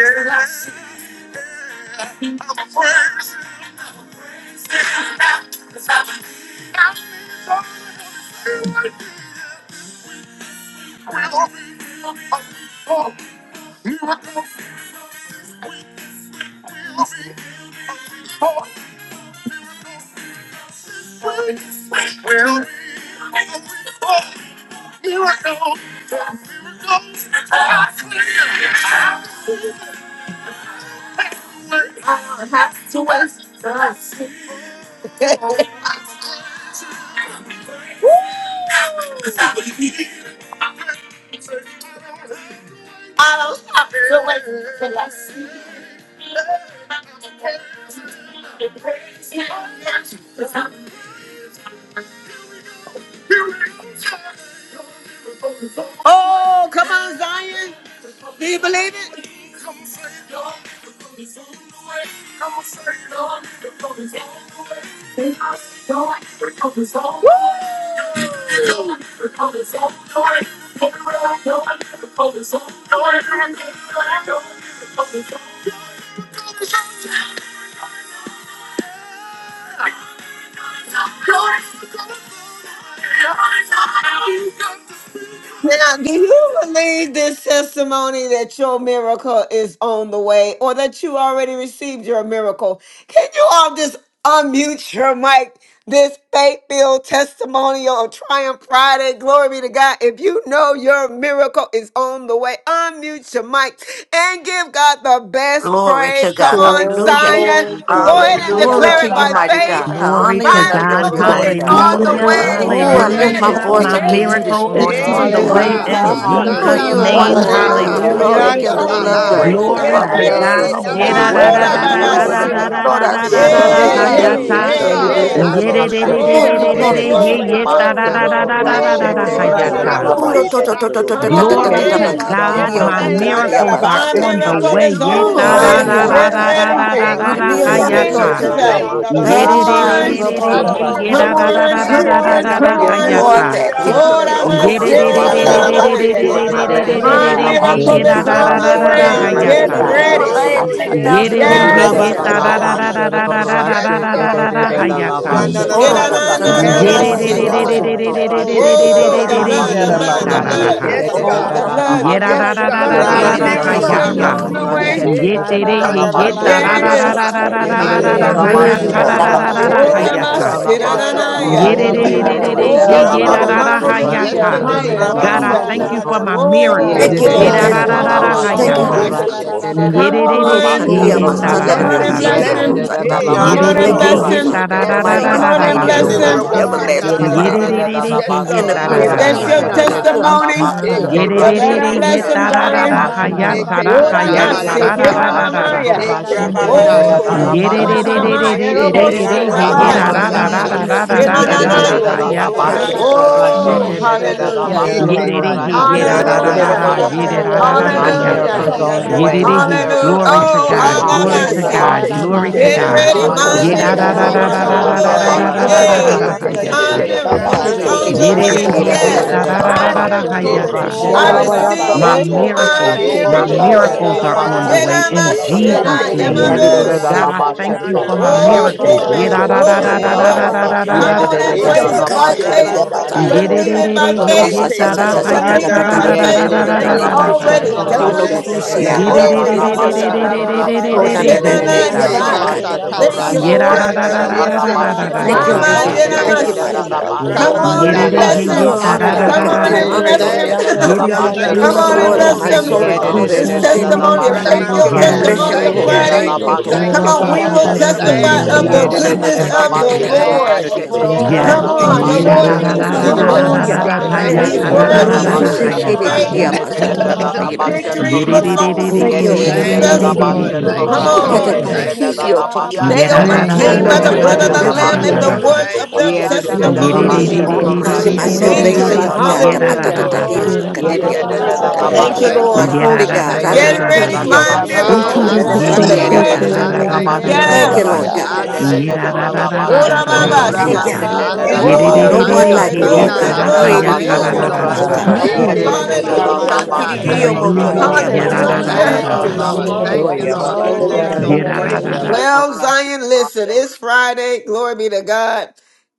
Speaker 1: Yeah. Oh, come on, Zion. Do you believe it? Now, do you believe this testimony that your miracle is on the way or that you already received your miracle? Can you all just unmute your mic? This faith filled testimonial of Triumph Friday, glory be to God. If you know your miracle is on the way, unmute your mic and give God the best
Speaker 2: Glory to
Speaker 1: praise. Come
Speaker 2: God.
Speaker 1: on,
Speaker 3: Glory,
Speaker 2: Hallelujah.
Speaker 1: Zion.
Speaker 3: glory,
Speaker 1: Go ahead
Speaker 3: glory.
Speaker 1: and
Speaker 3: Haya
Speaker 2: Glory
Speaker 4: Hallelujah.
Speaker 1: declare
Speaker 2: to
Speaker 1: it
Speaker 2: you,
Speaker 3: baba, ba
Speaker 1: by
Speaker 4: Rabba
Speaker 3: ba
Speaker 2: mighty
Speaker 3: de de
Speaker 2: God.
Speaker 4: Sanda
Speaker 3: de
Speaker 1: faith.
Speaker 2: I
Speaker 3: de de
Speaker 2: honor
Speaker 5: Glory
Speaker 2: you
Speaker 3: da
Speaker 5: to
Speaker 2: and
Speaker 1: My
Speaker 3: da ba.
Speaker 2: adore
Speaker 5: God.
Speaker 2: you,
Speaker 1: miracle
Speaker 2: Lord
Speaker 1: is
Speaker 6: Thank you,
Speaker 2: God.
Speaker 4: Romosia.
Speaker 1: on the
Speaker 6: Father
Speaker 5: Hallelujah.
Speaker 7: Hallelujah,
Speaker 4: My
Speaker 3: Kora
Speaker 6: God.
Speaker 1: way.
Speaker 3: de
Speaker 6: I
Speaker 7: Lord.
Speaker 3: de
Speaker 2: Oh,
Speaker 1: Get
Speaker 8: Hallelujah.
Speaker 3: de
Speaker 2: I
Speaker 3: de
Speaker 4: miracle
Speaker 2: lift
Speaker 8: Thank
Speaker 3: de
Speaker 4: is
Speaker 6: praise
Speaker 2: my
Speaker 3: de
Speaker 1: ready.
Speaker 8: you,
Speaker 6: your
Speaker 3: da
Speaker 4: on
Speaker 5: Hallelujah.
Speaker 4: the
Speaker 3: da
Speaker 2: voice
Speaker 6: holy
Speaker 5: My
Speaker 3: ba.
Speaker 2: unto
Speaker 1: Hey.
Speaker 8: Jesus.
Speaker 2: you
Speaker 6: name.
Speaker 4: way.
Speaker 2: this
Speaker 5: miracle
Speaker 3: She
Speaker 5: is
Speaker 7: Thank
Speaker 2: morning,
Speaker 3: de
Speaker 7: you
Speaker 3: de
Speaker 5: on
Speaker 2: Lord
Speaker 6: You're
Speaker 3: de
Speaker 5: the
Speaker 8: Hey,
Speaker 7: for
Speaker 3: de
Speaker 7: my
Speaker 2: God.
Speaker 3: da
Speaker 5: way
Speaker 6: worthy
Speaker 8: God.
Speaker 3: ba.
Speaker 5: in
Speaker 9: Hallelujah,
Speaker 6: to
Speaker 7: miracle,
Speaker 6: be
Speaker 7: oh
Speaker 1: Korabasa.
Speaker 2: Oh,
Speaker 5: Jesus'
Speaker 8: Hashanda
Speaker 7: God.
Speaker 2: you're
Speaker 8: la
Speaker 6: praised.
Speaker 3: Ora
Speaker 9: hallelujah.
Speaker 8: la
Speaker 3: da
Speaker 4: Ayabaseke.
Speaker 5: name.
Speaker 8: la
Speaker 3: da
Speaker 2: wonderful,
Speaker 1: Oh,
Speaker 3: da
Speaker 9: Glory to
Speaker 7: Shade,
Speaker 1: my
Speaker 3: ka
Speaker 2: Lord.
Speaker 6: Hallelujah.
Speaker 2: You're
Speaker 9: God.
Speaker 7: Rebbe,
Speaker 3: she
Speaker 5: Hallelujah.
Speaker 1: miracle
Speaker 3: de
Speaker 8: shakaboko
Speaker 9: Thank
Speaker 3: de
Speaker 1: is
Speaker 4: Yanda
Speaker 9: you,
Speaker 6: I'm
Speaker 3: de
Speaker 2: altogether
Speaker 7: Yasaya,
Speaker 4: Robo
Speaker 3: de
Speaker 1: on
Speaker 3: de
Speaker 1: the
Speaker 3: de
Speaker 2: lovely,
Speaker 8: bidada.
Speaker 9: Jesus.
Speaker 3: da
Speaker 4: Sadia
Speaker 1: way.
Speaker 3: da
Speaker 2: Lord
Speaker 6: grateful,
Speaker 3: da
Speaker 1: Get
Speaker 3: da
Speaker 9: My
Speaker 5: Glory
Speaker 2: God.
Speaker 6: Father
Speaker 3: da
Speaker 5: to
Speaker 3: da
Speaker 1: ready.
Speaker 3: da
Speaker 9: miracle
Speaker 6: God.
Speaker 5: God.
Speaker 9: is
Speaker 3: ba.
Speaker 8: Yay,
Speaker 9: on the
Speaker 3: So ra
Speaker 6: Hallelujah.
Speaker 4: Yanda
Speaker 8: hallelujah.
Speaker 3: da
Speaker 4: Rabba
Speaker 9: way.
Speaker 3: da
Speaker 8: I
Speaker 6: Thank
Speaker 3: da
Speaker 6: you,
Speaker 3: da
Speaker 7: Yasaya, Yasaya,
Speaker 8: know
Speaker 3: ba.
Speaker 4: Soria
Speaker 8: my
Speaker 6: Lord.
Speaker 2: Ooh,
Speaker 1: Korababase.
Speaker 4: Rabba
Speaker 8: miracle
Speaker 2: Lord,
Speaker 8: is
Speaker 2: I
Speaker 8: here.
Speaker 2: sing
Speaker 3: Ro
Speaker 2: a
Speaker 3: ba
Speaker 1: Hey,
Speaker 2: song of
Speaker 3: ba
Speaker 4: Romosia.
Speaker 8: Hey,
Speaker 3: ba
Speaker 6: Hallelujah.
Speaker 1: hey,
Speaker 8: yes,
Speaker 5: Yedadadadadadadadadadadadadadadadahayata.
Speaker 3: ba
Speaker 2: adoration.
Speaker 1: hey,
Speaker 3: da da
Speaker 8: God.
Speaker 4: Yanda
Speaker 3: da
Speaker 1: hey.
Speaker 3: da
Speaker 8: My
Speaker 3: ka
Speaker 8: miracle
Speaker 7: Oh,
Speaker 4: Robosia.
Speaker 8: is
Speaker 6: Shandalobosataya
Speaker 2: Oh,
Speaker 3: she
Speaker 8: here.
Speaker 3: de
Speaker 2: you
Speaker 3: de
Speaker 1: Glory,
Speaker 3: de
Speaker 8: Hey,
Speaker 6: lolobosi.
Speaker 2: Papa.
Speaker 5: Yededededededede.
Speaker 3: de
Speaker 4: Eh,
Speaker 7: Rabba,
Speaker 3: de
Speaker 1: glory,
Speaker 3: da
Speaker 4: Yanda
Speaker 3: ba.
Speaker 4: Rabba
Speaker 1: glory,
Speaker 3: Da
Speaker 8: shikamanda.
Speaker 3: da
Speaker 4: Seke.
Speaker 3: da
Speaker 1: glory,
Speaker 3: ba.
Speaker 8: Thank you,
Speaker 1: glory,
Speaker 3: So
Speaker 8: Jesus.
Speaker 3: ra da
Speaker 4: Rama
Speaker 1: glory,
Speaker 6: Rulobositaya
Speaker 8: I
Speaker 3: da
Speaker 5: Heyetadadadadadadadadahayata.
Speaker 3: da ba.
Speaker 2: Oh,
Speaker 1: glory.
Speaker 8: believe
Speaker 4: Masada
Speaker 2: do-
Speaker 8: it.
Speaker 2: do-
Speaker 8: I
Speaker 2: do- do- do- do- do-
Speaker 1: Come
Speaker 2: do-
Speaker 8: receive
Speaker 2: do-
Speaker 1: on,
Speaker 2: do-
Speaker 8: it.
Speaker 2: do-
Speaker 5: Glory
Speaker 3: Robo
Speaker 2: do-
Speaker 5: to
Speaker 8: Hey,
Speaker 6: loloboshandalobosataya.
Speaker 4: Roboshata.
Speaker 1: Zion.
Speaker 3: raba ba
Speaker 2: bakadidi,
Speaker 8: in
Speaker 5: God.
Speaker 3: ba
Speaker 8: the
Speaker 5: My
Speaker 3: ba da
Speaker 8: name
Speaker 3: da da
Speaker 2: robokadidi,
Speaker 4: Yanda
Speaker 8: of
Speaker 3: da
Speaker 5: miracles
Speaker 4: Rabba
Speaker 5: are
Speaker 1: My
Speaker 8: Jesus.
Speaker 2: abazata.
Speaker 5: on the
Speaker 3: kashide de
Speaker 1: miracle
Speaker 5: way.
Speaker 3: de
Speaker 1: is on
Speaker 8: Hallelujah.
Speaker 6: Yelobosandalobosataya
Speaker 2: Oh,
Speaker 3: de
Speaker 1: the
Speaker 3: de de
Speaker 4: Ramasanda,
Speaker 2: honor
Speaker 3: de
Speaker 1: way.
Speaker 4: Rama
Speaker 2: you,
Speaker 7: Oh,
Speaker 3: de
Speaker 2: Lord
Speaker 4: Sanda
Speaker 3: de
Speaker 1: Get
Speaker 6: lolobosita.
Speaker 3: da
Speaker 2: God.
Speaker 3: da da
Speaker 1: ready.
Speaker 4: Robosia.
Speaker 3: da
Speaker 7: Oh,
Speaker 3: da
Speaker 8: Thank
Speaker 3: da
Speaker 2: You
Speaker 8: you,
Speaker 3: da
Speaker 2: to
Speaker 7: Rabba,
Speaker 2: be
Speaker 8: Jesus.
Speaker 2: honored,
Speaker 3: bashaya.
Speaker 2: Lord
Speaker 8: In
Speaker 5: Yetadadadadadadadadadahayata.
Speaker 2: God.
Speaker 8: the
Speaker 4: Rama
Speaker 6: Rulobositaya
Speaker 1: Jesus.
Speaker 8: name
Speaker 4: Sanda
Speaker 8: of
Speaker 1: Come
Speaker 8: Jesus.
Speaker 2: Majesty,
Speaker 3: Raba
Speaker 1: on.
Speaker 2: needy,
Speaker 4: Robosia.
Speaker 3: robo
Speaker 8: My
Speaker 2: dear,
Speaker 5: Ngedededededede,
Speaker 10: Kara
Speaker 3: bo
Speaker 7: Yeah,
Speaker 10: ba
Speaker 5: hey,
Speaker 6: loloboshandalobosataya
Speaker 3: bo
Speaker 2: moko,
Speaker 8: miracle
Speaker 2: so
Speaker 1: Come
Speaker 10: kara ba
Speaker 3: kushe
Speaker 2: come
Speaker 8: is
Speaker 2: to
Speaker 6: lolobosita.
Speaker 2: be
Speaker 1: on,
Speaker 10: kara
Speaker 2: us.
Speaker 1: come
Speaker 3: da
Speaker 8: here.
Speaker 3: de
Speaker 1: on,
Speaker 3: de
Speaker 1: come
Speaker 5: yedadadadadadadada,
Speaker 3: kide
Speaker 4: Yandaraba
Speaker 2: You
Speaker 3: da
Speaker 6: Yeah,
Speaker 1: on.
Speaker 3: da
Speaker 2: are
Speaker 3: da
Speaker 4: Surya
Speaker 3: da
Speaker 5: hayata.
Speaker 3: da
Speaker 2: that
Speaker 10: ba
Speaker 3: da
Speaker 6: Robo
Speaker 8: Hallelujah.
Speaker 1: Lord,
Speaker 3: banda
Speaker 6: Sita,
Speaker 3: da
Speaker 1: I'm
Speaker 2: Kikiro
Speaker 4: Darabashiki.
Speaker 3: da
Speaker 10: miracle.
Speaker 1: a
Speaker 3: da da
Speaker 6: Yellow
Speaker 3: da
Speaker 10: Thank
Speaker 2: host
Speaker 3: da
Speaker 1: sinner.
Speaker 2: and
Speaker 10: you,
Speaker 6: Robo
Speaker 3: da
Speaker 1: na,
Speaker 3: da
Speaker 10: Lord
Speaker 1: na,
Speaker 3: da
Speaker 1: na,
Speaker 3: da
Speaker 2: Kikiro
Speaker 6: Santa,
Speaker 10: God.
Speaker 4: Yandaraba
Speaker 1: na,
Speaker 6: Robo
Speaker 2: holy
Speaker 8: Woo!
Speaker 1: yeah.
Speaker 2: one,
Speaker 8: Yes,
Speaker 4: Surya
Speaker 3: bashide
Speaker 2: Lord
Speaker 3: da
Speaker 6: Sata,
Speaker 3: da da
Speaker 2: God.
Speaker 8: Lord.
Speaker 6: Yellow
Speaker 3: da.
Speaker 8: I
Speaker 10: Thank
Speaker 1: My
Speaker 4: Darabashika.
Speaker 5: Ngedededededededededededede,
Speaker 10: you,
Speaker 5: hey,
Speaker 10: Lord.
Speaker 8: believe
Speaker 1: miracle
Speaker 8: you.
Speaker 1: is
Speaker 8: I
Speaker 1: on
Speaker 11: Akelelabako,
Speaker 4: Rama
Speaker 1: the
Speaker 3: Ayana
Speaker 5: yedadadadadada,
Speaker 8: receive
Speaker 3: na
Speaker 1: way.
Speaker 8: it.
Speaker 3: ma
Speaker 4: Sandarabo
Speaker 3: da
Speaker 6: Robo
Speaker 1: Get
Speaker 10: Thank
Speaker 3: da
Speaker 10: you,
Speaker 5: hayata.
Speaker 3: da
Speaker 7: Oh,
Speaker 3: da
Speaker 2: Oh,
Speaker 4: Surya
Speaker 2: if
Speaker 1: ready.
Speaker 3: ba
Speaker 2: I
Speaker 7: Rabba,
Speaker 10: Jesus.
Speaker 2: had
Speaker 8: No,
Speaker 4: Darabashi.
Speaker 7: Bakaya,
Speaker 8: yes,
Speaker 3: kashide
Speaker 2: 10,000
Speaker 3: de
Speaker 9: Yeah,
Speaker 7: Rebbe,
Speaker 3: de
Speaker 5: Ngedede,
Speaker 8: Lord.
Speaker 2: tongues,
Speaker 3: de
Speaker 9: yeah,
Speaker 5: hey,
Speaker 3: de da
Speaker 2: Lord
Speaker 9: da
Speaker 1: Yes.
Speaker 8: Yes,
Speaker 4: Rabba
Speaker 7: Yasaya,
Speaker 2: God,
Speaker 9: da da da da
Speaker 2: I
Speaker 7: Rabba,
Speaker 3: da da
Speaker 9: da da,
Speaker 8: Lord.
Speaker 2: praise
Speaker 3: da
Speaker 2: you
Speaker 4: Surya
Speaker 3: da
Speaker 11: ekeleboko,
Speaker 3: da
Speaker 2: every
Speaker 9: Master the
Speaker 2: one. word.
Speaker 3: kasha
Speaker 4: Darabashika and
Speaker 8: Yes,
Speaker 9: Corruption.
Speaker 3: kata da
Speaker 9: Da
Speaker 3: da
Speaker 9: da
Speaker 4: Oboshi.
Speaker 8: Lord.
Speaker 3: da
Speaker 9: da
Speaker 5: yedadadadadadadadadadadada,
Speaker 3: da
Speaker 9: da
Speaker 3: da
Speaker 8: Thank you,
Speaker 3: da
Speaker 9: da
Speaker 3: da
Speaker 5: hayata.
Speaker 11: mm,
Speaker 8: Jesus.
Speaker 2: Oro
Speaker 1: Sira,
Speaker 4: Yandarama
Speaker 10: Kara
Speaker 1: na,
Speaker 10: ba
Speaker 1: na,
Speaker 2: kusaka
Speaker 1: na,
Speaker 10: kanda
Speaker 8: Thank
Speaker 10: ra
Speaker 2: nadia
Speaker 1: na,
Speaker 4: Sandarabo
Speaker 8: you.
Speaker 10: ba
Speaker 3: Robo,
Speaker 1: si.
Speaker 2: masata
Speaker 7: Yasaya,
Speaker 10: kiri
Speaker 4: Surya
Speaker 2: kaka.
Speaker 10: ya ra
Speaker 3: glory,
Speaker 10: ba.
Speaker 4: Rabashi.
Speaker 3: glory.
Speaker 8: Yes,
Speaker 1: Oh,
Speaker 8: Lord.
Speaker 1: the
Speaker 4: Rabba
Speaker 2: Oro
Speaker 5: Ngededededededededededededede,
Speaker 3: Hayaba,
Speaker 1: blood,
Speaker 10: Iya
Speaker 1: the
Speaker 5: hey,
Speaker 10: ra
Speaker 2: nadia.
Speaker 4: Surya
Speaker 3: yodo
Speaker 10: ba
Speaker 1: blood, the
Speaker 3: kere
Speaker 10: kara
Speaker 3: de
Speaker 10: ba
Speaker 1: blood.
Speaker 5: yedadadaha.
Speaker 3: kere
Speaker 10: kara
Speaker 8: Yes,
Speaker 4: Darabashika
Speaker 10: ba
Speaker 4: and
Speaker 3: da
Speaker 7: Oh,
Speaker 3: da
Speaker 8: God.
Speaker 1: The
Speaker 3: da
Speaker 10: kara
Speaker 7: Rabba,
Speaker 3: da
Speaker 10: ba
Speaker 3: da
Speaker 1: blood,
Speaker 3: da
Speaker 1: the
Speaker 10: kara.
Speaker 4: Yandarabasoriandarabashiki.
Speaker 3: ba.
Speaker 1: blood,
Speaker 8: Yes,
Speaker 1: the
Speaker 3: Sere
Speaker 8: God.
Speaker 1: blood.
Speaker 3: de
Speaker 8: I
Speaker 3: de
Speaker 1: My
Speaker 2: Ere
Speaker 3: de
Speaker 5: Ngedadadadadadadada,
Speaker 3: da
Speaker 8: believe
Speaker 2: beke
Speaker 3: da
Speaker 8: it.
Speaker 1: miracle
Speaker 8: I
Speaker 3: ba.
Speaker 1: is
Speaker 2: sekia
Speaker 5: hayata.
Speaker 1: on
Speaker 2: kano
Speaker 1: the
Speaker 8: receive
Speaker 2: de
Speaker 10: Kanda ra
Speaker 8: it.
Speaker 1: way.
Speaker 10: ba
Speaker 2: basukia
Speaker 8: Hey,
Speaker 10: kara
Speaker 2: ta.
Speaker 4: Yandarabasoriandarabashika. Ramasandarabosoriyandarabashi.
Speaker 10: ba
Speaker 5: Ngetere,
Speaker 8: kuka
Speaker 3: Haba,
Speaker 10: kara.
Speaker 5: hey,
Speaker 3: ba ba
Speaker 8: shanda
Speaker 3: da
Speaker 8: la
Speaker 3: da da
Speaker 8: la
Speaker 3: da da
Speaker 1: Yes.
Speaker 3: da
Speaker 4: Rabasoriyandabashikandoboshi.
Speaker 8: My
Speaker 10: Iya
Speaker 4: Yandaramasandarabosoriarabashi. Rabasoriyandabashikandarobosoria. Ramasiandaramasiki.
Speaker 10: ra
Speaker 4: Yandarabosoriandarabashi.
Speaker 3: kashe
Speaker 5: yedadadadadadadadada,
Speaker 10: ba
Speaker 9: da,
Speaker 3: de
Speaker 8: miracle is
Speaker 10: kara
Speaker 3: de
Speaker 9: Master
Speaker 2: Worthy
Speaker 10: ba
Speaker 5: hayata,
Speaker 3: da
Speaker 2: Lord,
Speaker 8: here,
Speaker 2: da
Speaker 3: da
Speaker 2: da
Speaker 3: da
Speaker 10: siri
Speaker 8: Lord.
Speaker 2: da
Speaker 3: da
Speaker 10: ya
Speaker 2: da
Speaker 3: da
Speaker 10: nda
Speaker 5: dadadadada,
Speaker 3: da
Speaker 2: da
Speaker 8: Hey,
Speaker 1: Oh,
Speaker 10: ra
Speaker 3: bo
Speaker 2: da
Speaker 1: na,
Speaker 8: yes,
Speaker 1: na,
Speaker 10: ba.
Speaker 5: hayata.
Speaker 3: so
Speaker 7: Rebbe,
Speaker 8: Lord.
Speaker 2: masata.
Speaker 8: Yes,
Speaker 1: sira,
Speaker 3: kora
Speaker 1: na,
Speaker 3: da
Speaker 8: Lord.
Speaker 3: da
Speaker 1: na,
Speaker 3: da
Speaker 7: Yasaya,
Speaker 1: yeah.
Speaker 3: da
Speaker 2: Oh,
Speaker 3: da
Speaker 4: Ramasoriandarabakiandarabashi.
Speaker 10: Aya
Speaker 3: de
Speaker 2: no,
Speaker 7: Rabba, Yasaya, Rebbe, Yasaya,
Speaker 3: de
Speaker 7: Rebbe, Yasaya,
Speaker 2: no,
Speaker 3: da
Speaker 2: no,
Speaker 10: kara
Speaker 2: no,
Speaker 3: ba.
Speaker 10: ba
Speaker 2: no, no,
Speaker 5: Yedididididi,
Speaker 2: no,
Speaker 5: hey,
Speaker 10: kara
Speaker 8: yes,
Speaker 2: no,
Speaker 10: ba.
Speaker 4: Nanda
Speaker 2: no,
Speaker 1: Oh,
Speaker 8: Lord.
Speaker 2: no.
Speaker 6: bossy.
Speaker 4: Ramasata.
Speaker 8: Bless
Speaker 1: hallelujah,
Speaker 8: your
Speaker 5: yedadadahayata.
Speaker 8: name.
Speaker 5: God,
Speaker 3: Oh
Speaker 5: I
Speaker 1: hallelujah.
Speaker 3: da da
Speaker 5: thank you
Speaker 3: da da
Speaker 5: for
Speaker 4: Ramasorianda
Speaker 3: da
Speaker 5: my
Speaker 4: Ramas.
Speaker 3: man da da
Speaker 1: Glory,
Speaker 5: miracles.
Speaker 10: Kara
Speaker 2: Thank
Speaker 8: Bless
Speaker 2: you,
Speaker 10: ba
Speaker 3: kere de
Speaker 2: Lord
Speaker 4: My
Speaker 3: de
Speaker 10: kara
Speaker 1: glory,
Speaker 3: de
Speaker 10: ba
Speaker 8: your name.
Speaker 2: God.
Speaker 8: Bless
Speaker 3: da
Speaker 8: your
Speaker 6: Under the
Speaker 3: da
Speaker 4: miracle
Speaker 3: da
Speaker 10: kara
Speaker 3: da
Speaker 10: ba
Speaker 4: is
Speaker 6: bush,
Speaker 1: glory,
Speaker 6: I
Speaker 3: bo
Speaker 4: on
Speaker 2: Thank
Speaker 4: the
Speaker 10: kara ba kara
Speaker 2: you,
Speaker 6: tie
Speaker 10: ba.
Speaker 8: name.
Speaker 3: sa
Speaker 2: Holy
Speaker 5: Yedadadadahayata.
Speaker 6: it
Speaker 4: way.
Speaker 1: glory.
Speaker 3: da
Speaker 8: Bosekindalata.
Speaker 6: on the
Speaker 3: da
Speaker 2: Spirit.
Speaker 8: Ekebushokandalasa.
Speaker 3: da da
Speaker 6: bush.
Speaker 3: da da
Speaker 1: Come
Speaker 3: da da
Speaker 2: Huro
Speaker 5: Yedidididi,
Speaker 3: kere
Speaker 1: on,
Speaker 5: hey,
Speaker 9: the
Speaker 3: kere
Speaker 2: kandia
Speaker 4: Glory
Speaker 3: da
Speaker 4: to
Speaker 6: Rule the
Speaker 9: Corruption.
Speaker 4: your
Speaker 3: da
Speaker 2: masanda
Speaker 6: bush,
Speaker 3: da
Speaker 4: name.
Speaker 1: come
Speaker 2: de
Speaker 3: da
Speaker 10: Iya
Speaker 1: on
Speaker 6: you
Speaker 10: ra
Speaker 1: and
Speaker 6: take
Speaker 3: ba.
Speaker 8: Blessings,
Speaker 10: ba
Speaker 6: it
Speaker 9: Yeah,
Speaker 1: bless
Speaker 9: da
Speaker 2: besikio
Speaker 6: the
Speaker 5: yedadadadadaha.
Speaker 9: da
Speaker 10: kara
Speaker 1: him.
Speaker 9: da
Speaker 10: ba
Speaker 6: bush.
Speaker 8: blessings.
Speaker 9: da da
Speaker 2: lobosata.
Speaker 10: kara.
Speaker 9: la
Speaker 6: Under
Speaker 8: Hey,
Speaker 6: the
Speaker 1: Come
Speaker 6: bush,
Speaker 4: Dianda
Speaker 1: on
Speaker 8: yes,
Speaker 9: basha da
Speaker 1: and
Speaker 5: Yedidi,
Speaker 6: I
Speaker 2: Thank you,
Speaker 8: Lord.
Speaker 5: hey,
Speaker 1: bless
Speaker 6: tie
Speaker 2: Holy
Speaker 6: it on
Speaker 1: him.
Speaker 3: Glory,
Speaker 9: korasha
Speaker 6: the
Speaker 4: Ramasata.
Speaker 2: Father,
Speaker 9: da da
Speaker 8: Yes,
Speaker 9: da
Speaker 6: bush.
Speaker 2: mighty
Speaker 9: da
Speaker 3: glory,
Speaker 1: Come
Speaker 8: Lord.
Speaker 9: da
Speaker 2: God,
Speaker 1: on
Speaker 9: la
Speaker 1: and
Speaker 8: Thank you.
Speaker 3: glory.
Speaker 2: idio
Speaker 9: basha
Speaker 1: bless
Speaker 4: Nende
Speaker 10: Iya
Speaker 9: da
Speaker 10: ra
Speaker 5: yedadadadadadadadadada.
Speaker 2: kote,
Speaker 10: ba.
Speaker 1: him.
Speaker 9: kor.
Speaker 6: Rule
Speaker 3: Hayaba,
Speaker 6: the bush,
Speaker 2: everlasting
Speaker 9: Yeah, da
Speaker 4: Rabosorianda
Speaker 6: you
Speaker 9: da
Speaker 8: Hashakandalasa.
Speaker 3: yabo,
Speaker 6: take
Speaker 9: da
Speaker 2: Father,
Speaker 6: it
Speaker 9: da
Speaker 4: Rabasi.
Speaker 9: da
Speaker 3: barara
Speaker 9: la
Speaker 5: Yedidididi,
Speaker 3: de
Speaker 5: hey,
Speaker 8: Yes,
Speaker 2: and
Speaker 9: basha
Speaker 2: the
Speaker 9: da
Speaker 8: Lord.
Speaker 3: kid,
Speaker 10: Iya
Speaker 2: Prince
Speaker 1: If
Speaker 2: of
Speaker 10: ra
Speaker 9: korasha
Speaker 1: that's
Speaker 2: Peace,
Speaker 3: karara
Speaker 1: your
Speaker 9: da
Speaker 2: Lord
Speaker 9: da
Speaker 5: yedadadadadadadada.
Speaker 2: God,
Speaker 9: da da
Speaker 2: you are
Speaker 9: da
Speaker 8: Hashakandalasa.
Speaker 2: my
Speaker 9: la
Speaker 3: de
Speaker 1: testimony,
Speaker 2: God,
Speaker 7: Rebbe,
Speaker 9: basha da
Speaker 3: rabba.
Speaker 2: dear Lord
Speaker 1: you
Speaker 2: of
Speaker 4: Dada
Speaker 2: all,
Speaker 9: korasha
Speaker 1: better
Speaker 9: da
Speaker 6: the
Speaker 5: Yedidididi,
Speaker 9: da
Speaker 2: Lord
Speaker 1: bless
Speaker 9: da
Speaker 2: God.
Speaker 1: him,
Speaker 4: Ramasanda
Speaker 9: da da
Speaker 6: bush.
Speaker 9: la
Speaker 8: Ekeboshokondalasa.
Speaker 1: Zion.
Speaker 4: Rabasi.
Speaker 6: Under
Speaker 11: Thank
Speaker 6: the
Speaker 11: you,
Speaker 9: basha.
Speaker 3: Hayamamba,
Speaker 6: bush,
Speaker 11: Lord.
Speaker 8: Heke
Speaker 6: I
Speaker 3: barara
Speaker 6: tie
Speaker 3: de
Speaker 1: What
Speaker 9: My
Speaker 1: am
Speaker 8: mana
Speaker 4: Yanda
Speaker 1: I
Speaker 6: the
Speaker 3: kid,
Speaker 6: bush.
Speaker 8: hata
Speaker 1: saying,
Speaker 9: miracle's
Speaker 4: Ramasi.
Speaker 9: on
Speaker 8: kana.
Speaker 1: Mama
Speaker 3: karara de
Speaker 1: Maya?
Speaker 5: yedadadadahayatadahayatadadadadadaha.
Speaker 6: Rule
Speaker 8: Heke
Speaker 3: karara
Speaker 6: the
Speaker 11: Thank you,
Speaker 6: bush,
Speaker 8: mana
Speaker 3: de
Speaker 11: Lord.
Speaker 6: the
Speaker 8: kodo
Speaker 4: Rababasorianda
Speaker 1: Oh,
Speaker 6: bush, I
Speaker 3: abasaya.
Speaker 8: shata.
Speaker 4: Ramas.
Speaker 1: Mama
Speaker 11: Hayabasha.
Speaker 6: tie
Speaker 1: Maya,
Speaker 6: the
Speaker 1: no
Speaker 8: Heke
Speaker 6: bush.
Speaker 1: bullshit,
Speaker 5: Yedidididididididi,
Speaker 4: Yando
Speaker 2: You
Speaker 1: bye
Speaker 5: hey,
Speaker 8: mana
Speaker 2: don't do the
Speaker 1: bye.
Speaker 3: Horaba,
Speaker 8: kala
Speaker 2: dark
Speaker 8: la
Speaker 6: Rule
Speaker 4: Boshorianda
Speaker 3: rode,
Speaker 2: together,
Speaker 6: the
Speaker 8: sata.
Speaker 4: Ramas.
Speaker 11: Velelelakushi
Speaker 6: bush,
Speaker 2: together.
Speaker 3: kishikile
Speaker 11: amani.
Speaker 8: Heke
Speaker 1: Sinananaya.
Speaker 6: the
Speaker 4: Robo
Speaker 8: mana
Speaker 3: de
Speaker 6: bush.
Speaker 7: Yasaya, Rabba,
Speaker 2: And
Speaker 8: la
Speaker 2: they
Speaker 5: yedadadadadadadadadadahayata.
Speaker 6: Under
Speaker 2: did
Speaker 6: the
Speaker 7: Yasaya,
Speaker 4: Sorianda
Speaker 2: it
Speaker 8: shata
Speaker 6: bush,
Speaker 3: rabandoro
Speaker 6: I
Speaker 2: kiss
Speaker 8: mana
Speaker 2: you.
Speaker 6: tie
Speaker 1: Oh,
Speaker 11: Mm.
Speaker 4: Rabasheke
Speaker 3: de
Speaker 8: sata.
Speaker 6: the
Speaker 4: Nede
Speaker 6: bush.
Speaker 3: rabba.
Speaker 11: Thank
Speaker 1: hallelujah,
Speaker 11: you,
Speaker 4: Robosi.
Speaker 11: Lord.
Speaker 10: ba
Speaker 8: Heke
Speaker 10: kara ba
Speaker 2: You
Speaker 10: kara.
Speaker 5: Yererehe,
Speaker 8: mana
Speaker 2: don't
Speaker 6: Rule
Speaker 8: la
Speaker 2: do
Speaker 11: Velelelakushi.
Speaker 6: the
Speaker 2: your
Speaker 8: la
Speaker 4: Dianda
Speaker 3: Oh,
Speaker 6: bush,
Speaker 8: la
Speaker 2: God's
Speaker 3: ra
Speaker 1: hallelujah.
Speaker 3: ra
Speaker 5: yerararara,
Speaker 3: ra
Speaker 2: word.
Speaker 8: shata.
Speaker 6: the
Speaker 4: Ramasanda
Speaker 3: ba,
Speaker 6: bush. Under the bush,
Speaker 3: da da
Speaker 4: Rabashi.
Speaker 8: Hoko
Speaker 3: kishi
Speaker 6: I
Speaker 3: de de
Speaker 2: You
Speaker 8: koko
Speaker 5: yerararahayata.
Speaker 1: Hallelujah.
Speaker 3: de
Speaker 2: are the
Speaker 6: tie
Speaker 3: de
Speaker 9: the
Speaker 3: ra
Speaker 2: Lord
Speaker 4: Yandara
Speaker 3: ra
Speaker 9: way.
Speaker 2: who
Speaker 11: Velelelakushaba.
Speaker 3: ra
Speaker 4: bo
Speaker 6: the
Speaker 9: My
Speaker 2: knows.
Speaker 5: Yererehe,
Speaker 3: ra
Speaker 4: sori
Speaker 6: bush.
Speaker 7: Rebbe,
Speaker 3: ra ra
Speaker 1: Hallelujah.
Speaker 9: miracle's
Speaker 3: de
Speaker 7: Yasaya.
Speaker 5: Glory
Speaker 4: yandara
Speaker 9: on
Speaker 5: to
Speaker 9: the
Speaker 3: karara
Speaker 2: From
Speaker 9: way.
Speaker 4: make
Speaker 8: Eke
Speaker 5: God,
Speaker 2: the
Speaker 3: de
Speaker 1: Oh,
Speaker 2: cross
Speaker 4: robo
Speaker 5: glory
Speaker 2: of
Speaker 6: Yeah,
Speaker 3: kid
Speaker 8: kike
Speaker 5: to
Speaker 6: the
Speaker 9: Hallelujah.
Speaker 2: Christ.
Speaker 3: de
Speaker 1: Hanamasi.
Speaker 4: shanda.
Speaker 5: God,
Speaker 8: kike
Speaker 6: bush,
Speaker 7: Hallelujah,
Speaker 5: glory
Speaker 3: rabba.
Speaker 9: Hallelujah.
Speaker 8: kike.
Speaker 5: to
Speaker 11: Mm.
Speaker 1: Get
Speaker 6: the
Speaker 4: Hey,
Speaker 2: Lord,
Speaker 5: God.
Speaker 2: like
Speaker 7: Jesus,
Speaker 6: bush.
Speaker 1: ready.
Speaker 2: a
Speaker 11: Thank
Speaker 4: yamandi
Speaker 11: you,
Speaker 6: Under
Speaker 8: Koko
Speaker 1: My
Speaker 6: the
Speaker 2: castle,
Speaker 7: glory,
Speaker 11: Lord.
Speaker 4: ando
Speaker 6: bush,
Speaker 2: like
Speaker 8: kanda
Speaker 2: the
Speaker 4: bo
Speaker 11: Thank
Speaker 6: I
Speaker 1: miracle
Speaker 11: you.
Speaker 7: glory.
Speaker 6: tie
Speaker 1: is
Speaker 2: house.
Speaker 8: lasha
Speaker 6: it
Speaker 4: shande.
Speaker 1: on
Speaker 3: Amaba,
Speaker 1: the
Speaker 6: on
Speaker 8: kanda
Speaker 7: Oh,
Speaker 1: way.
Speaker 4: Thank you,
Speaker 2: Oh,
Speaker 8: lata.
Speaker 6: the
Speaker 2: to
Speaker 6: bush.
Speaker 7: Rabba,
Speaker 4: thank
Speaker 3: baboraba,
Speaker 2: the
Speaker 4: you,
Speaker 1: Hey,
Speaker 3: de
Speaker 2: book
Speaker 4: thank
Speaker 8: Eke
Speaker 2: of
Speaker 7: Bakaya,
Speaker 4: you.
Speaker 2: you.
Speaker 6: Thank
Speaker 3: que
Speaker 1: my
Speaker 3: de
Speaker 7: Rebbe,
Speaker 5: Yerarararararararararararararahayata.
Speaker 11: Thank
Speaker 8: kike
Speaker 3: de
Speaker 11: you,
Speaker 3: da
Speaker 1: miracle
Speaker 3: da
Speaker 8: manda
Speaker 3: da
Speaker 2: They
Speaker 1: is
Speaker 11: Father.
Speaker 9: Hallelujah.
Speaker 3: da
Speaker 7: Yasaya,
Speaker 2: did
Speaker 4: Ramasi
Speaker 1: on
Speaker 2: it, they
Speaker 8: koko
Speaker 2: did
Speaker 7: Rebbe,
Speaker 1: the
Speaker 3: da
Speaker 2: it, they
Speaker 3: da
Speaker 4: kando
Speaker 1: way.
Speaker 3: da
Speaker 2: did
Speaker 8: manda
Speaker 2: it, they did
Speaker 7: Yasaya,
Speaker 4: bo
Speaker 9: Yeah,
Speaker 5: Yererehe,
Speaker 9: da
Speaker 3: ba.
Speaker 7: Rabba,
Speaker 9: da
Speaker 8: kala
Speaker 1: Yes,
Speaker 9: da
Speaker 4: shande
Speaker 9: da
Speaker 4: da
Speaker 9: da
Speaker 2: it,
Speaker 7: Yasaya.
Speaker 9: da,
Speaker 1: my
Speaker 8: shata.
Speaker 4: basi.
Speaker 9: basha da
Speaker 2: they
Speaker 1: miracle is.
Speaker 8: Eke
Speaker 5: yetarararararahayata.
Speaker 9: korasha da
Speaker 1: I
Speaker 8: manda
Speaker 9: da
Speaker 7: Yalalaba
Speaker 2: did
Speaker 9: da
Speaker 2: it,
Speaker 4: Yandara
Speaker 9: da
Speaker 7: yanda
Speaker 8: kala
Speaker 9: da,
Speaker 3: Koraba,
Speaker 5: My
Speaker 2: they
Speaker 3: de
Speaker 1: receive
Speaker 9: basha
Speaker 8: lata.
Speaker 9: da
Speaker 3: que
Speaker 4: basori
Speaker 7: eh
Speaker 3: de
Speaker 1: my
Speaker 5: miracles,
Speaker 3: cara
Speaker 4: yandara.
Speaker 9: korasha
Speaker 3: de
Speaker 7: roba
Speaker 5: my
Speaker 9: da
Speaker 8: Eke
Speaker 9: da
Speaker 2: did
Speaker 12: Yes,
Speaker 9: da
Speaker 2: it.
Speaker 3: da
Speaker 8: manda
Speaker 7: bakanda
Speaker 1: miracle.
Speaker 3: da
Speaker 12: yes,
Speaker 4: Thank
Speaker 3: da
Speaker 5: miracles
Speaker 4: you,
Speaker 9: da
Speaker 12: sir.
Speaker 5: are
Speaker 3: da
Speaker 9: da
Speaker 8: lata
Speaker 5: on
Speaker 7: yerebe
Speaker 5: the
Speaker 9: da,
Speaker 8: ka.
Speaker 5: way
Speaker 4: Father.
Speaker 7: yanda
Speaker 5: in
Speaker 12: Because
Speaker 7: raba
Speaker 12: you
Speaker 8: Ese
Speaker 12: put
Speaker 5: Jesus'
Speaker 12: my
Speaker 2: Hallelujah.
Speaker 3: da
Speaker 1: Yenamashina
Speaker 9: yeah,
Speaker 7: yasanda
Speaker 12: ears
Speaker 4: Ramasori
Speaker 8: seke
Speaker 5: name.
Speaker 3: ba.
Speaker 12: in, so you
Speaker 7: yerebe
Speaker 4: yandara
Speaker 8: busho
Speaker 4: da
Speaker 11: Mm.
Speaker 12: want
Speaker 7: ya
Speaker 5: God,
Speaker 1: yamanosi.
Speaker 5: I
Speaker 8: kanda
Speaker 4: basori
Speaker 5: thank you
Speaker 8: lasha.
Speaker 5: for
Speaker 4: yandara
Speaker 2: Oh,
Speaker 5: my
Speaker 2: Lord
Speaker 3: Raba,
Speaker 1: Oh,
Speaker 8: Eke
Speaker 4: bashike.
Speaker 5: miracles.
Speaker 2: Jesus.
Speaker 3: baba,
Speaker 7: Hallelujah
Speaker 3: da
Speaker 1: glory,
Speaker 3: de
Speaker 8: busho
Speaker 3: de
Speaker 7: Jesus
Speaker 8: koko
Speaker 1: glory,
Speaker 3: que
Speaker 4: Yandara
Speaker 7: oraba
Speaker 3: ya
Speaker 8: manda
Speaker 1: glory.
Speaker 3: ba ba
Speaker 10: Yarabakara
Speaker 4: basori
Speaker 7: bakanda
Speaker 3: ba
Speaker 8: lasa.
Speaker 1: Come
Speaker 3: ba
Speaker 1: on
Speaker 4: yandara
Speaker 7: yerebe
Speaker 3: ba
Speaker 1: and
Speaker 2: Oh,
Speaker 3: ba
Speaker 2: the
Speaker 4: basi.
Speaker 7: yanda
Speaker 1: praise
Speaker 8: Eke
Speaker 5: Yerararararararararararahayata.
Speaker 1: Him
Speaker 3: de
Speaker 2: baka
Speaker 7: raba
Speaker 1: by
Speaker 2: saka
Speaker 8: busho
Speaker 2: the
Speaker 3: que
Speaker 7: yanda
Speaker 3: de
Speaker 1: faith.
Speaker 2: dia
Speaker 3: de da da
Speaker 8: kanda
Speaker 7: raba
Speaker 4: Rabasori
Speaker 2: patata.
Speaker 3: ba.
Speaker 7: ya
Speaker 8: lasa
Speaker 1: Believe
Speaker 4: yandara
Speaker 8: ta.
Speaker 1: it by
Speaker 4: basi.
Speaker 5: Yererere
Speaker 2: Una
Speaker 5: he
Speaker 1: faith.
Speaker 2: basa
Speaker 5: ye
Speaker 2: sa sa
Speaker 5: tara
Speaker 2: sa
Speaker 5: ha
Speaker 8: Eke
Speaker 2: sa ta
Speaker 5: ya
Speaker 2: da
Speaker 1: Believe it
Speaker 5: tara
Speaker 1: by
Speaker 2: patata
Speaker 5: ra ra
Speaker 2: dia
Speaker 5: ra
Speaker 1: faith
Speaker 2: no
Speaker 4: Ikandarabasuri
Speaker 5: ra
Speaker 2: ko
Speaker 5: ra
Speaker 1: that
Speaker 2: te
Speaker 5: ra
Speaker 1: it's
Speaker 7: yerebe
Speaker 5: ra
Speaker 8: Heke
Speaker 2: kete.
Speaker 5: ra
Speaker 4: andarabasi.
Speaker 5: ha
Speaker 12: to.
Speaker 5: ya
Speaker 1: already
Speaker 8: busha
Speaker 7: yasikira
Speaker 5: ta.
Speaker 3: Korama,
Speaker 4: Oh,
Speaker 7: raba
Speaker 2: Uno
Speaker 8: kaka
Speaker 1: done.
Speaker 4: blessed
Speaker 12: it's
Speaker 3: rebe
Speaker 8: ha,
Speaker 3: de
Speaker 4: be
Speaker 2: kusi
Speaker 7: yasanda
Speaker 12: prayer.
Speaker 3: que
Speaker 2: aba
Speaker 3: de
Speaker 4: God
Speaker 2: hadi
Speaker 7: yaraba
Speaker 1: Glory
Speaker 8: Heke
Speaker 4: today.
Speaker 2: dia
Speaker 1: be
Speaker 3: cara da
Speaker 1: to
Speaker 3: da
Speaker 2: basa.
Speaker 8: manda
Speaker 1: God.
Speaker 3: da
Speaker 12: It's
Speaker 4: Ramasende
Speaker 2: Una
Speaker 8: mandakalasaka.
Speaker 12: prayer.
Speaker 4: de
Speaker 2: na
Speaker 5: Yererererererererererere he
Speaker 2: na
Speaker 5: ye
Speaker 7: Oh
Speaker 4: Boshande
Speaker 3: da
Speaker 8: Heke
Speaker 5: ta.
Speaker 4: de
Speaker 2: kisi
Speaker 3: ba.
Speaker 1: Zenanayabai.
Speaker 7: yerebe
Speaker 2: akata.
Speaker 4: Rabaki.
Speaker 7: yanda
Speaker 1: Thank you,
Speaker 7: raba
Speaker 5: Yera
Speaker 8: bashakanalasa.
Speaker 1: Lord.
Speaker 7: yanda
Speaker 5: ra ra ra
Speaker 7: raba
Speaker 5: ra ra ra
Speaker 3: Aba
Speaker 8: Hese
Speaker 7: yasoku
Speaker 5: ra
Speaker 3: ba
Speaker 5: ra ra ra
Speaker 4: Iandaramasatarabo
Speaker 8: sike
Speaker 2: Thank
Speaker 7: yerebe
Speaker 2: you,
Speaker 5: ra ra
Speaker 7: ya
Speaker 2: Holy
Speaker 1: Mama
Speaker 5: ra
Speaker 12: Huh?
Speaker 4: Shande de
Speaker 2: Father.
Speaker 5: ha.
Speaker 2: Thank you,
Speaker 8: mandakala.
Speaker 7: yerebe
Speaker 4: Rabaki.
Speaker 2: mighty
Speaker 1: Yenamasi.
Speaker 3: da
Speaker 2: God.
Speaker 3: da
Speaker 7: yasanda
Speaker 3: da da
Speaker 13: Yes,
Speaker 8: Ika
Speaker 3: da
Speaker 1: Come
Speaker 3: da
Speaker 7: yaraba
Speaker 1: on
Speaker 7: ya sanda yara da baya
Speaker 1: and
Speaker 5: Yerere
Speaker 4: Ramasende
Speaker 8: mandala
Speaker 12: Oh,
Speaker 2: Oh,
Speaker 5: he
Speaker 1: bless
Speaker 4: de
Speaker 1: him.
Speaker 2: You
Speaker 5: ye
Speaker 7: haya
Speaker 2: are
Speaker 8: shaka
Speaker 3: da
Speaker 2: honored,
Speaker 5: tara
Speaker 4: Bokori
Speaker 3: da
Speaker 5: ra
Speaker 2: Lord
Speaker 3: da
Speaker 5: ra
Speaker 1: Come
Speaker 8: manda
Speaker 5: ra
Speaker 2: God.
Speaker 3: ba.
Speaker 1: on
Speaker 8: si.
Speaker 5: ra.
Speaker 2: You are
Speaker 1: and
Speaker 6: you.
Speaker 4: andarabasi.
Speaker 2: honored,
Speaker 1: bless
Speaker 7: yerebe
Speaker 2: Lord
Speaker 1: him.
Speaker 8: Thank
Speaker 2: God.
Speaker 8: you,
Speaker 7: yanda
Speaker 8: Lord.
Speaker 7: yalalaba
Speaker 6: Thank
Speaker 8: Thank
Speaker 7: yanda
Speaker 1: Come
Speaker 8: you,
Speaker 2: Bless the
Speaker 1: on
Speaker 7: raba
Speaker 1: and
Speaker 2: Lord,
Speaker 8: Lord.
Speaker 2: oh
Speaker 7: ya
Speaker 1: bless
Speaker 2: my
Speaker 3: Glory,
Speaker 8: Thank
Speaker 1: him.
Speaker 4: Iandaramaseke
Speaker 8: you,
Speaker 7: haya
Speaker 2: soul,
Speaker 5: Yererererererererererere.
Speaker 9: yeah,
Speaker 2: and
Speaker 8: Lord.
Speaker 2: all that
Speaker 3: glory,
Speaker 2: is
Speaker 1: This
Speaker 4: yandarabasi.
Speaker 13: I
Speaker 8: Thank
Speaker 2: within
Speaker 8: you,
Speaker 2: me,
Speaker 3: glory.
Speaker 8: Lord.
Speaker 13: do.
Speaker 2: Lord
Speaker 1: testimony of
Speaker 2: God.
Speaker 1: faith
Speaker 8: Thank
Speaker 13: Really
Speaker 1: filled
Speaker 8: you,
Speaker 3: Hamabam,
Speaker 4: Ramasori
Speaker 5: Yeah,
Speaker 8: Lord.
Speaker 3: bam,
Speaker 2: Bless
Speaker 13: kidding.
Speaker 3: ba,
Speaker 2: your
Speaker 7: Thank
Speaker 1: testimony
Speaker 3: de,
Speaker 8: Thank
Speaker 1: of
Speaker 7: you,
Speaker 3: de,
Speaker 8: you,
Speaker 2: holy
Speaker 5: yeah,
Speaker 4: andarabashi.
Speaker 3: ke,
Speaker 7: thank
Speaker 1: Friday.
Speaker 8: thank
Speaker 3: de,
Speaker 2: name,
Speaker 3: de,
Speaker 8: you,
Speaker 7: you.
Speaker 2: Lord
Speaker 3: ke,
Speaker 2: God.
Speaker 8: thank
Speaker 3: da,
Speaker 1: Come
Speaker 3: da,
Speaker 8: you,
Speaker 7: Ora
Speaker 13: Yera
Speaker 3: da,
Speaker 1: on,
Speaker 3: da,
Speaker 1: we
Speaker 8: Lord.
Speaker 7: baba
Speaker 3: da,
Speaker 13: baba
Speaker 3: da,
Speaker 1: will
Speaker 3: de,
Speaker 13: bara
Speaker 7: kashi
Speaker 13: bu
Speaker 3: ke,
Speaker 7: yere
Speaker 3: de,
Speaker 1: testify
Speaker 7: de
Speaker 8: Thank
Speaker 3: da, da,
Speaker 8: you,
Speaker 4: Iandarabasori
Speaker 1: of
Speaker 7: beya
Speaker 1: the
Speaker 3: ba.
Speaker 7: da
Speaker 8: Lord.
Speaker 7: da
Speaker 2: Ora
Speaker 7: da
Speaker 13: korobasa.
Speaker 11: Velelelakushi
Speaker 1: goodness
Speaker 2: baka ta
Speaker 1: of
Speaker 2: ta
Speaker 7: beya.
Speaker 1: the
Speaker 2: ta ta
Speaker 4: andarabase.
Speaker 2: ta baka
Speaker 11: velelelakushi.
Speaker 8: Thank
Speaker 1: Lord.
Speaker 2: no
Speaker 3: Bo
Speaker 2: dia
Speaker 8: you,
Speaker 3: bo, bo,
Speaker 13: Yera
Speaker 8: Lord.
Speaker 3: bo,
Speaker 2: matata.
Speaker 5: yes.
Speaker 1: Come
Speaker 13: bara
Speaker 7: Glory
Speaker 4: Ikando
Speaker 13: bu
Speaker 3: ko,
Speaker 7: to
Speaker 8: Thank
Speaker 1: on,
Speaker 7: your
Speaker 3: she,
Speaker 8: you,
Speaker 1: the
Speaker 13: kuşe
Speaker 5: Yera
Speaker 3: ke,
Speaker 1: Lord
Speaker 7: name.
Speaker 5: ra
Speaker 3: de,
Speaker 5: ra
Speaker 8: Lord.
Speaker 13: kere
Speaker 5: ra
Speaker 3: de,
Speaker 1: is
Speaker 13: bu
Speaker 3: de,
Speaker 11: Ekeleboko
Speaker 7: Yere
Speaker 5: ra
Speaker 3: de,
Speaker 11: samaneke
Speaker 7: de
Speaker 4: Boshandaramase.
Speaker 5: ra
Speaker 3: de,
Speaker 5: ra
Speaker 13: kuşe.
Speaker 3: da,
Speaker 7: beya
Speaker 1: good
Speaker 5: ra
Speaker 3: da,
Speaker 5: ra
Speaker 7: sa
Speaker 3: da,
Speaker 2: Hallelujah.
Speaker 11: ekelebo. kusamane
Speaker 5: ra
Speaker 8: Hallelujah.
Speaker 7: da
Speaker 5: ha
Speaker 3: ba.
Speaker 7: yere
Speaker 3: Da,
Speaker 11: ke
Speaker 1: and
Speaker 8: Thank
Speaker 7: da
Speaker 5: ya
Speaker 3: da,
Speaker 1: he's
Speaker 8: you,
Speaker 5: ta
Speaker 3: da,
Speaker 7: beya.
Speaker 5: ra
Speaker 13: Yera
Speaker 5: ra
Speaker 8: Lord.
Speaker 3: ke,
Speaker 14: Bona
Speaker 5: ra
Speaker 4: Ramasianda
Speaker 1: worthy
Speaker 13: bara
Speaker 5: ra
Speaker 11: ikelebo.
Speaker 3: de,
Speaker 13: bu
Speaker 5: ra
Speaker 1: to
Speaker 5: ha
Speaker 8: Glory.
Speaker 2: Thank
Speaker 3: ke,
Speaker 1: be
Speaker 3: de,
Speaker 13: kuşe.
Speaker 5: ya
Speaker 3: da,
Speaker 4: Rabasata.
Speaker 3: da,
Speaker 14: mashekele
Speaker 5: ta.
Speaker 3: da, da, da,
Speaker 1: praised.
Speaker 3: da, da,
Speaker 4: Thank
Speaker 3: da,
Speaker 4: you,
Speaker 14: mosiele
Speaker 3: ba,
Speaker 14: bona
Speaker 3: she,
Speaker 4: Father.
Speaker 3: de,
Speaker 1: Victory
Speaker 8: Thank
Speaker 3: de,
Speaker 11: Rakalalabakushiki.
Speaker 8: you,
Speaker 3: da, da,
Speaker 8: Lord.
Speaker 1: belongs
Speaker 3: ba.
Speaker 13: Bu
Speaker 1: to
Speaker 2: you,
Speaker 4: Rabasorianda
Speaker 2: Holy
Speaker 13: kuşa
Speaker 14: makola
Speaker 8: Thank
Speaker 2: Father.
Speaker 14: mana
Speaker 8: you,
Speaker 1: Jesus.
Speaker 4: Rabashende
Speaker 8: Lord.
Speaker 13: bara
Speaker 5: Yerererererererererererere
Speaker 13: bu
Speaker 3: Bo
Speaker 5: he
Speaker 14: na
Speaker 4: Rebaki.
Speaker 8: Thank
Speaker 14: na na
Speaker 3: bo,
Speaker 1: Come
Speaker 5: ye
Speaker 8: you,
Speaker 2: Ooh,
Speaker 3: bo,
Speaker 5: ta.
Speaker 14: na
Speaker 2: Father,
Speaker 1: on.
Speaker 13: kere.
Speaker 8: Lord.
Speaker 3: bo, be,
Speaker 11: Alalalabakukushaba.
Speaker 8: Thank
Speaker 3: ke,
Speaker 14: rio
Speaker 8: you,
Speaker 2: please,
Speaker 3: ya,
Speaker 2: your
Speaker 8: Lord.
Speaker 3: la, da,
Speaker 2: children.
Speaker 3: ba.
Speaker 4: Yanda
Speaker 1: They
Speaker 5: Yeah,
Speaker 13: Yes,
Speaker 3: Da, da,
Speaker 13: I
Speaker 8: Thank
Speaker 11: Hey,
Speaker 13: do.
Speaker 2: Oh,
Speaker 3: ke,
Speaker 8: you,
Speaker 1: overcame
Speaker 3: ya,
Speaker 4: Rabasanda
Speaker 1: by
Speaker 3: da,
Speaker 2: Lord,
Speaker 1: the
Speaker 3: da,
Speaker 2: you're
Speaker 14: amana
Speaker 8: Lord.
Speaker 2: my
Speaker 14: na
Speaker 1: blood
Speaker 13: Bara
Speaker 3: ke,
Speaker 7: Ora
Speaker 1: of
Speaker 3: de,
Speaker 14: na
Speaker 11: leleboko
Speaker 8: Glory
Speaker 1: the
Speaker 3: da,
Speaker 14: na
Speaker 13: başı.
Speaker 3: da,
Speaker 2: deliverer,
Speaker 8: be
Speaker 1: Lamb
Speaker 3: da,
Speaker 4: Robokorianda
Speaker 3: da,
Speaker 8: to
Speaker 1: and
Speaker 2: Lord
Speaker 1: the
Speaker 3: da,
Speaker 11: shiyama.
Speaker 4: Rabas.
Speaker 2: God.
Speaker 8: your
Speaker 14: na na
Speaker 3: ba.
Speaker 1: word
Speaker 8: name,
Speaker 1: of
Speaker 9: yeah,
Speaker 7: baba
Speaker 1: their
Speaker 8: Father.
Speaker 4: Yanda
Speaker 8: You are
Speaker 13: Yera
Speaker 7: kashi
Speaker 14: worthy
Speaker 13: baba
Speaker 8: worthy.
Speaker 11: Eke,
Speaker 4: Ramasanda
Speaker 2: Oh,
Speaker 1: testimony.
Speaker 8: You
Speaker 14: holy
Speaker 8: are
Speaker 13: bara
Speaker 2: Lord
Speaker 13: bu
Speaker 2: God,
Speaker 4: Rabako.
Speaker 2: you're
Speaker 14: praise
Speaker 2: my
Speaker 8: worthy. You are
Speaker 14: la la
Speaker 13: korobaşı
Speaker 14: la
Speaker 1: Victory.
Speaker 2: salvation,
Speaker 3: Glory,
Speaker 13: kere.
Speaker 8: worthy.
Speaker 2: Lord
Speaker 14: la
Speaker 2: God. Da-
Speaker 4: Rabasende
Speaker 2: ma-
Speaker 3: glory,
Speaker 2: da- da-
Speaker 8: You
Speaker 1: Hallelujah.
Speaker 8: are
Speaker 2: da- dee, on the
Speaker 3: glory.
Speaker 4: Robosharia.
Speaker 13: Yera
Speaker 8: worthy.
Speaker 14: ye
Speaker 8: You
Speaker 7: yere de
Speaker 8: are
Speaker 2: candidia, ma-
Speaker 7: beya
Speaker 13: bara
Speaker 2: sa-
Speaker 14: na na
Speaker 7: sa
Speaker 8: worthy,
Speaker 13: bu
Speaker 2: da.
Speaker 4: Yanda
Speaker 14: na
Speaker 7: yere
Speaker 8: Lord.
Speaker 7: de
Speaker 3: Hababababababa,
Speaker 14: na
Speaker 1: Thank you,
Speaker 3: da,
Speaker 7: beya
Speaker 13: koroba.
Speaker 14: na
Speaker 3: da,
Speaker 8: Thank
Speaker 14: na
Speaker 7: da da
Speaker 3: da,
Speaker 2: My
Speaker 8: you,
Speaker 14: na
Speaker 7: da
Speaker 1: Lord.
Speaker 3: da, da,
Speaker 2: holy
Speaker 4: Rabasorianda
Speaker 3: da,
Speaker 8: God.
Speaker 7: beya.
Speaker 6: you.
Speaker 3: ba.
Speaker 4: Ramas.
Speaker 2: God. da-
Speaker 8: Thank
Speaker 2: da-
Speaker 8: you,
Speaker 1: Get
Speaker 2: ba-
Speaker 8: Lord.
Speaker 6: Thank
Speaker 1: ready.
Speaker 14: mana
Speaker 2: candidia,
Speaker 1: My
Speaker 2: mo-
Speaker 3: Glory,
Speaker 14: mana
Speaker 2: so
Speaker 8: God,
Speaker 2: cool,
Speaker 1: miracle
Speaker 4: Ramasi
Speaker 8: I
Speaker 7: Yere
Speaker 14: moshi
Speaker 2: mo-
Speaker 13: Yekara
Speaker 1: is
Speaker 7: de
Speaker 13: bu
Speaker 4: Kanda
Speaker 8: bless
Speaker 7: beya
Speaker 1: on
Speaker 2: sanda-
Speaker 8: your
Speaker 1: the
Speaker 2: dia,
Speaker 13: kuşe
Speaker 2: ba-
Speaker 8: name.
Speaker 7: yere
Speaker 1: way.
Speaker 7: de
Speaker 4: Rabasoria.
Speaker 8: I
Speaker 7: beya
Speaker 13: kere
Speaker 2: sanda.
Speaker 13: bu
Speaker 7: sa
Speaker 8: thank
Speaker 14: ena
Speaker 8: you,
Speaker 7: da
Speaker 14: mana
Speaker 7: yere
Speaker 8: Lord.
Speaker 2: Thank
Speaker 14: na
Speaker 7: da
Speaker 2: you,
Speaker 14: na
Speaker 1: Yes.
Speaker 2: Lord
Speaker 14: na
Speaker 7: beya.
Speaker 14: na
Speaker 2: God.
Speaker 14: na
Speaker 8: I
Speaker 13: korobaraşa.
Speaker 4: Rababasorianda
Speaker 8: thank you,
Speaker 14: ena
Speaker 8: Lord.
Speaker 14: mana
Speaker 4: Rabashede.
Speaker 8: I
Speaker 15: Thank
Speaker 14: na
Speaker 15: you,
Speaker 8: thank
Speaker 13: Yara
Speaker 15: Lord.
Speaker 8: you.
Speaker 11: Eke
Speaker 13: bu
Speaker 2: Thank
Speaker 1: Orababasa.
Speaker 2: you.
Speaker 8: I
Speaker 7: Yere
Speaker 4: Ramasande
Speaker 15: Yes,
Speaker 14: ena
Speaker 7: de
Speaker 8: thank you.
Speaker 7: beya
Speaker 1: Oh,
Speaker 14: na na
Speaker 2: No
Speaker 14: na
Speaker 13: kere.
Speaker 4: Robosaka.
Speaker 7: sa
Speaker 2: one
Speaker 7: da yere de beya yere de
Speaker 1: glory,
Speaker 2: like
Speaker 14: ena
Speaker 2: you,
Speaker 11: Boku
Speaker 7: beya.
Speaker 14: mana
Speaker 2: Lord
Speaker 8: Hashakanda
Speaker 1: glory,
Speaker 14: na
Speaker 4: Yanda
Speaker 2: God.
Speaker 11: Saba.
Speaker 2: He
Speaker 8: lasa.
Speaker 1: glory,
Speaker 2: hated
Speaker 8: Thank
Speaker 2: your
Speaker 8: you,
Speaker 14: ena
Speaker 4: Ramasanda
Speaker 1: glory.
Speaker 2: moko
Speaker 8: Lord.
Speaker 14: moshi
Speaker 13: Yesaboko
Speaker 7: Ora
Speaker 2: sakata.
Speaker 4: Ramasoria.
Speaker 7: baba
Speaker 8: Eke
Speaker 13: shebere.
Speaker 7: kashi
Speaker 11: Renew
Speaker 7: yere
Speaker 8: busho
Speaker 7: de
Speaker 14: ena
Speaker 1: Hallelujah.
Speaker 14: na
Speaker 11: Boku
Speaker 7: beya
Speaker 2: He
Speaker 14: na na na na ena
Speaker 8: tanda.
Speaker 7: da
Speaker 2: did
Speaker 11: Saba.
Speaker 7: da da
Speaker 2: your
Speaker 8: Thank
Speaker 7: beya.
Speaker 8: you,
Speaker 2: moko
Speaker 5: Hallelujah.
Speaker 8: Lord.
Speaker 2: dia
Speaker 5: Yeah, da,
Speaker 4: Ramasandarabaturiandarabas.
Speaker 5: da,
Speaker 2: masata.
Speaker 5: da,
Speaker 13: Urubara
Speaker 5: da, da,
Speaker 1: Hallelujah.
Speaker 8: Thank you,
Speaker 5: da.
Speaker 4: Yes,
Speaker 13: sababa.
Speaker 11: Ah,
Speaker 8: Lord.
Speaker 7: Yere de
Speaker 11: la
Speaker 4: Lord.
Speaker 11: la
Speaker 14: na
Speaker 16: Oh,
Speaker 8: Thank
Speaker 6: you.
Speaker 7: beya
Speaker 8: you,
Speaker 11: la
Speaker 3: glory,
Speaker 16: yeah,
Speaker 7: sa
Speaker 14: na
Speaker 8: Lord,
Speaker 16: Baba,
Speaker 7: yere
Speaker 8: for
Speaker 14: na
Speaker 7: de
Speaker 14: na
Speaker 3: glory.
Speaker 8: being
Speaker 7: beya
Speaker 4: Yandara.
Speaker 16: Sunday,
Speaker 8: so
Speaker 5: Yeah,
Speaker 7: da
Speaker 5: da,
Speaker 7: da
Speaker 16: yeah,
Speaker 5: da,
Speaker 7: baya.
Speaker 5: da,
Speaker 16: yeah,
Speaker 8: gracious.
Speaker 5: da,
Speaker 13: Yekebere.
Speaker 16: Baba.
Speaker 1: Well, Zion, listen, it's Friday. Glory be to God.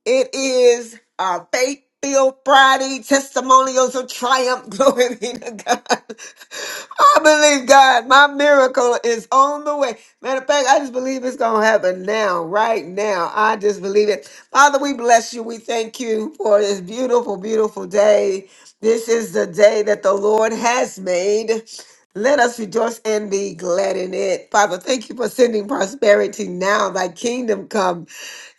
Speaker 1: It is our faith filled Friday, testimonials of triumph. Glory be to God. I believe God, my miracle is on the way. Matter of fact, I just believe it's going to happen now, right now. I just believe it. Father, we bless you. We thank you for this beautiful, beautiful day. This is the day that the Lord has made. Let us rejoice and be glad in it. Father, thank you for sending prosperity now. Thy kingdom come.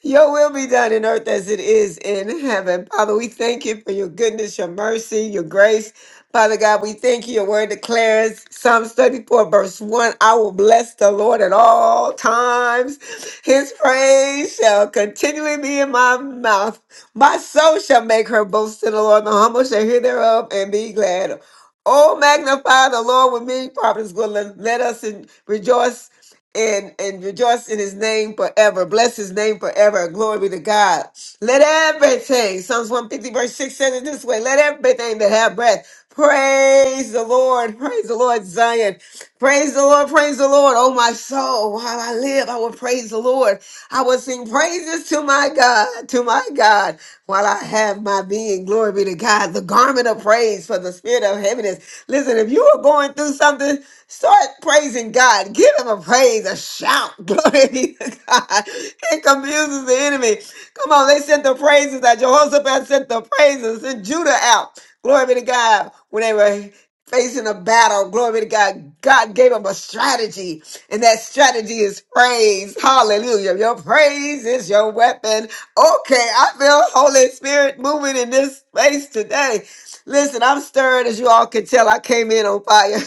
Speaker 1: Your will be done in earth as it is in heaven. Father, we thank you for your goodness, your mercy, your grace. Father God, we thank you. Your word declares Psalms 34, verse 1 I will bless the Lord at all times. His praise shall continually be in my mouth. My soul shall make her boast in the Lord. The humble shall hear thereof and be glad. Oh, magnify the Lord with me, Providence Gwendolyn. Let us in, rejoice and, and rejoice in his name forever. Bless his name forever. Glory be to God. Let everything, Psalms 150, verse 6 says it this way let everything that have breath praise the Lord. Praise the Lord, Zion. Praise the Lord. Praise the Lord. Oh, my soul, while I live, I will praise the Lord. I will sing praises to my God, to my God, while I have my being. Glory be to God, the garment of praise for the spirit of heaviness. Listen, if you are going through something, start praising God. Give him a praise, a shout. Glory be to God. It confuses the enemy. Come on, they sent the praises out. Jehoshaphat sent the praises, sent Judah out. Glory be to God. When they were facing a battle. Glory to God. God gave him a strategy, and that strategy is praise. Hallelujah. Your praise is your weapon. Okay, I feel Holy Spirit moving in this space today. Listen, I'm stirred as you all can tell. I came in on fire.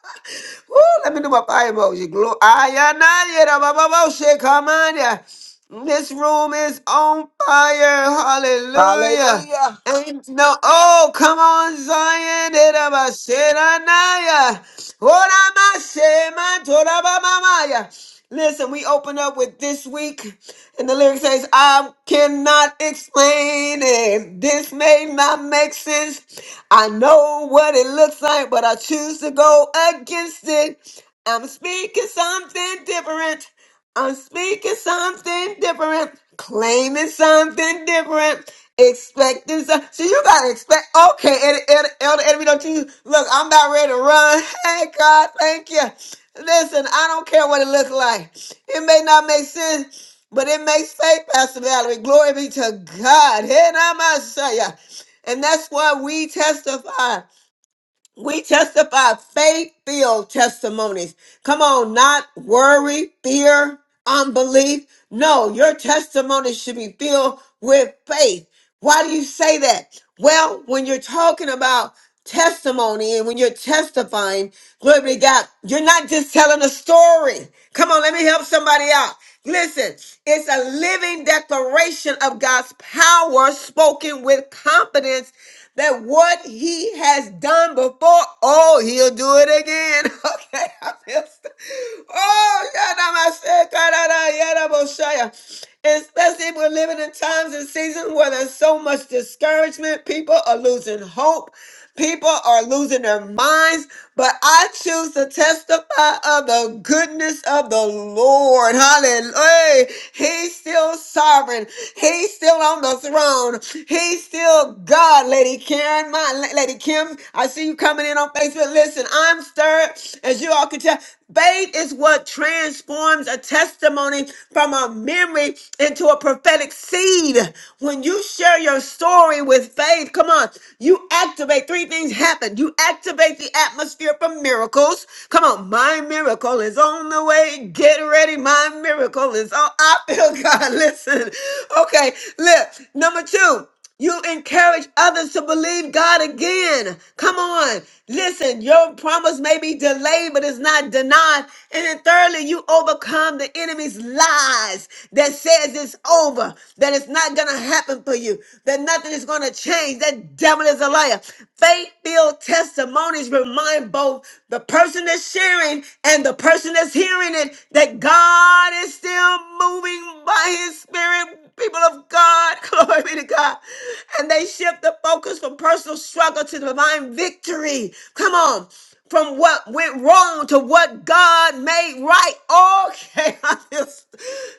Speaker 1: Woo, let me do my fire emoji. Glo- Ayanaya da ba ba bo she, Come on, yeah. This room is on fire. Hallelujah.
Speaker 4: Hallelujah.
Speaker 1: Ain't no, oh, come on, Zion. Erabaseranaya. Oramasema torabamamaya. Listen, we open up with this week, and the lyric says, I cannot explain it. This may not make sense. I know what it looks like, but I choose to go against it. I'm speaking something different. I'm speaking something different, claiming something different, expecting something. See, you gotta expect. Okay, Elder, Elder, Elder Edmund, don't you look? I'm about ready to run. Hey, God, thank you. Listen, I don't care what it looks like. It may not make sense, but it makes faith, Pastor Valerie. Glory be to God. Hey, now, Messiah. And that's why we testify. We testify faith filled testimonies. Come on, not worry, fear, unbelief. No, your testimony should be filled with faith. Why do you say that? Well, when you're talking about testimony and when you're testifying, glory be to God, you're not just telling a story. Come on, let me help somebody out. Listen, it's a living declaration of God's power spoken with confidence that what he has done before, oh, he'll do it again. Okay, I feel st- Oh, yadamasekaradayadaboshaya. especially if we're living in times and seasons where there's so much discouragement, people are losing hope. People are losing their minds, but I choose to testify of the goodness of the Lord. Hallelujah. He's still sovereign. He's still on the throne. He's still God, Lady Karen. My Lady Kim, I see you coming in on Facebook. Listen, I'm stirred, as you all can tell. Faith is what transforms a testimony from a memory into a prophetic seed. When you share your story with faith, come on, you you activate three things happen. You activate the atmosphere for miracles. Come on, my miracle is on the way. Get ready, my miracle is on. I feel God. Listen, okay. Look, number two. You encourage others to believe God again. Come on. Listen, your promise may be delayed, but it's not denied. And then thirdly, you overcome the enemy's lies that says it's over, that it's not going to happen for you, that nothing is going to change, that the devil is a liar. Faith filled testimonies remind both the person that's sharing and the person that's hearing it that God is still moving by his spirit. People of God, glory be to God. And they shift the focus from personal struggle to divine victory. Come on from what went wrong to what God made right. Okay, I just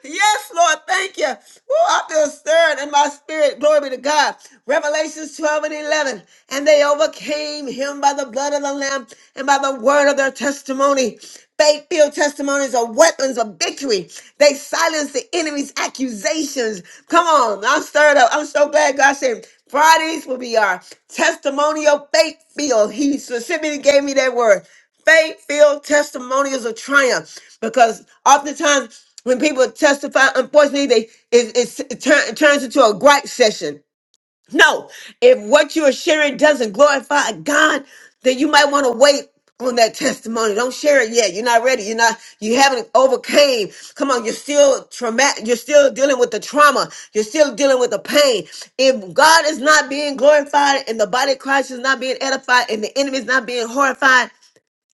Speaker 1: yes, Lord, thank you. Woo, I feel stirred in my spirit. Glory be to God. Revelations 12 and 11. And they overcame him by the blood of the Lamb and by the word of their testimony. Faith filled testimonies are weapons of victory. They silence the enemy's accusations. Come on, I'm stirred up. I'm so glad God said Fridays will be our testimonial faith filled. He specifically gave me that word faith filled testimonials of triumph because oftentimes when people testify, unfortunately, they it, it's- it, turn, it turns into a gripe session. No, if what you are sharing doesn't glorify God, then you might want to wait on that testimony. Don't share it yet. You're not ready. You're not. You haven't overcame. Come on, you're still traumatic. You're still dealing with the trauma. You're still dealing with the pain. If God is not being glorified and the body of Christ is not being edified and the enemy is not being horrified.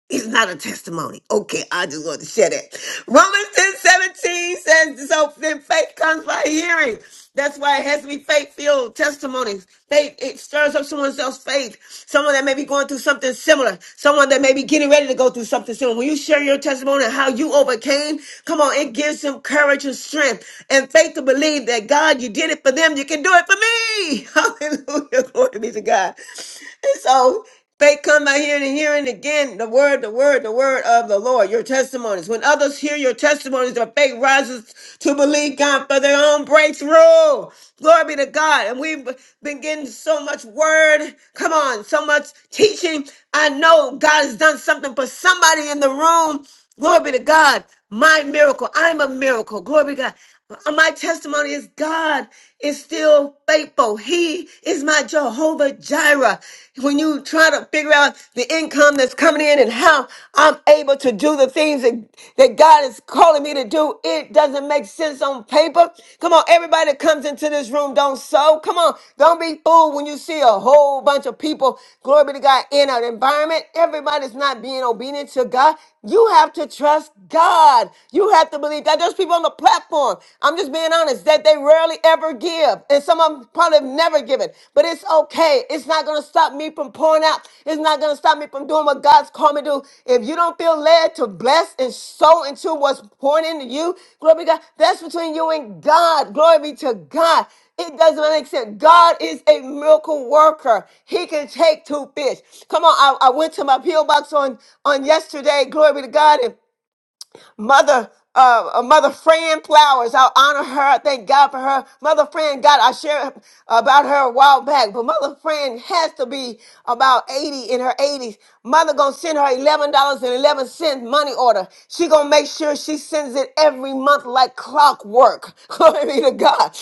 Speaker 1: It's not a testimony. Okay, I just want to share that. Romans 10 17 says, So then faith comes by hearing. That's why it has to be faith filled testimonies. Faith, it stirs up someone else's faith. Someone that may be going through something similar. Someone that may be getting ready to go through something similar. When you share your testimony and how you overcame, come on, it gives them courage and strength and faith to believe that God, you did it for them, you can do it for me. Hallelujah. Glory be to God. And so, Faith come by hearing and hearing again the word, the word, the word of the Lord, your testimonies. When others hear your testimonies, their faith rises to believe God for their own breakthrough. Glory be to God. And we've been getting so much word. Come on, so much teaching. I know God has done something for somebody in the room. Glory be to God. My miracle. I'm a miracle. Glory be to God. Uh, My testimony is God is still faithful. He is my Jehovah Jireh. When you try to figure out the income that's coming in and how I'm able to do the things that, that God is calling me to do, it doesn't make sense on paper. Come on, everybody that comes into this room, don't sow. Come on, don't be fooled when you see a whole bunch of people, glory be to God, in an environment. Everybody's not being obedient to God. You have to trust God. You have have to believe that. There's people on the platform. I'm just being honest that they rarely ever give, and some of them probably have never given. But it's okay. It's not gonna stop me from pouring out. It's not gonna stop me from doing what God's called me to do. If you don't feel led to bless and sow into what's pouring into you, glory be to God. That's between you and God. Glory be to God. It doesn't make sense. God is a miracle worker. He can take two fish. Come on, I, I went to my PO box on on yesterday. Glory be to God. And Mother uh, uh, Mother Fran Flowers. I honor her. I thank God for her. Mother Fran, God, I shared about her a while back, but Mother Fran has to be about 80 in her 80s. Mother gonna send her $11.11 money order. She gonna make sure she sends it every month like clockwork. Glory be to God.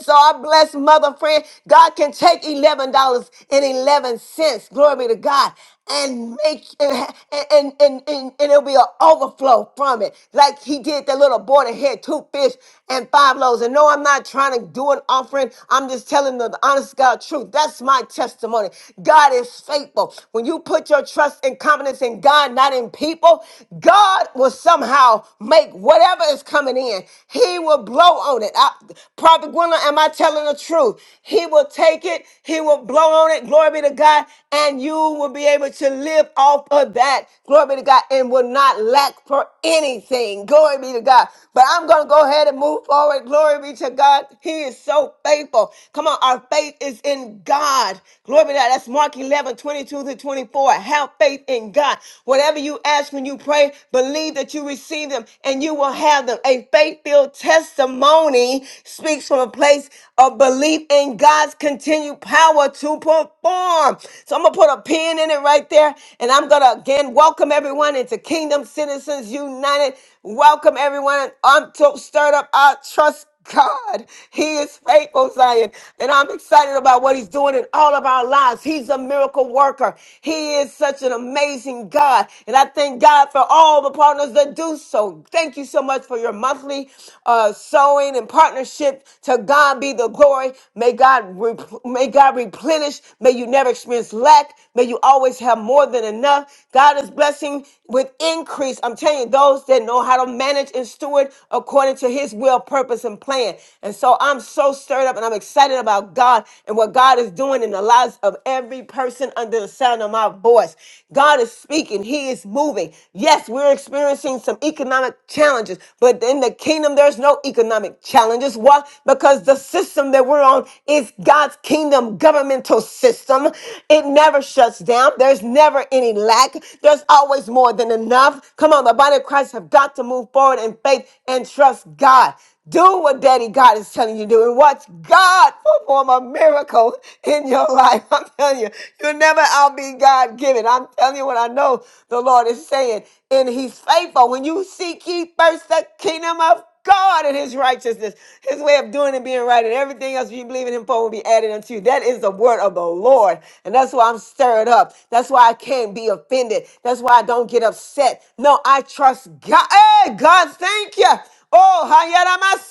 Speaker 1: So I bless Mother Fran. God can take $11.11. Glory be to God and make and and and, and, and it'll be an overflow from it like he did that little boy that had two fish and five loaves and no i'm not trying to do an offering i'm just telling the, honest god truth that's my testimony god is faithful when you put your trust and confidence in god not in people god will somehow make whatever is coming in he will blow on it I, prophet gwendolyn am i telling the truth he will take it he will blow on it glory be to god and you will be able to live off of that. Glory be to God and will not lack for anything. Glory be to God. But I'm going to go ahead and move forward. Glory be to God. He is so faithful. Come on. Our faith is in God. Glory be to God. That's Mark 11 22 to 24. Have faith in God. Whatever you ask when you pray, believe that you receive them and you will have them. A faith filled testimony speaks from a place of belief in God's continued power to perform. So I'm going to put a pin in it right right there. And I'm going to again welcome everyone into Kingdom Citizens United. Welcome everyone. I'm so stirred up. I trust God. He is faithful, Zion. And I'm excited about what he's doing in all of our lives. He's a miracle worker. He is such an amazing God. And I thank God for all the partners that do so. Thank you so much for your monthly uh, sowing and partnership. To God be the glory. May God, rep- may God replenish. May you never experience lack. May you always have have more than enough. God is blessing with increase. I'm telling you, those that know how to manage and steward according to his will, purpose, and plan. And so I'm so stirred up and I'm excited about God and what God is doing in the lives of every person under the sound of my voice. God is speaking, he is moving. Yes, we're experiencing some economic challenges, but in the kingdom, there's no economic challenges. Why? Because the system that we're on is God's kingdom governmental system. It never shuts down. There's there's never any lack. There's always more than enough. Come on, the body of Christ have got to move forward in faith and trust God. Do what Daddy God is telling you to do and watch God perform a miracle in your life. I'm telling you, you'll never outbe God given. I'm telling you what I know the Lord is saying. And He's faithful. When you seek ye first the kingdom of God and his righteousness, his way of doing and being right, and everything else you believe in him for will be added unto you. That is the word of the Lord. And that's why I'm stirred up. That's why I can't be offended. That's why I don't get upset. No, I trust God. Hey, God, thank you. Oh,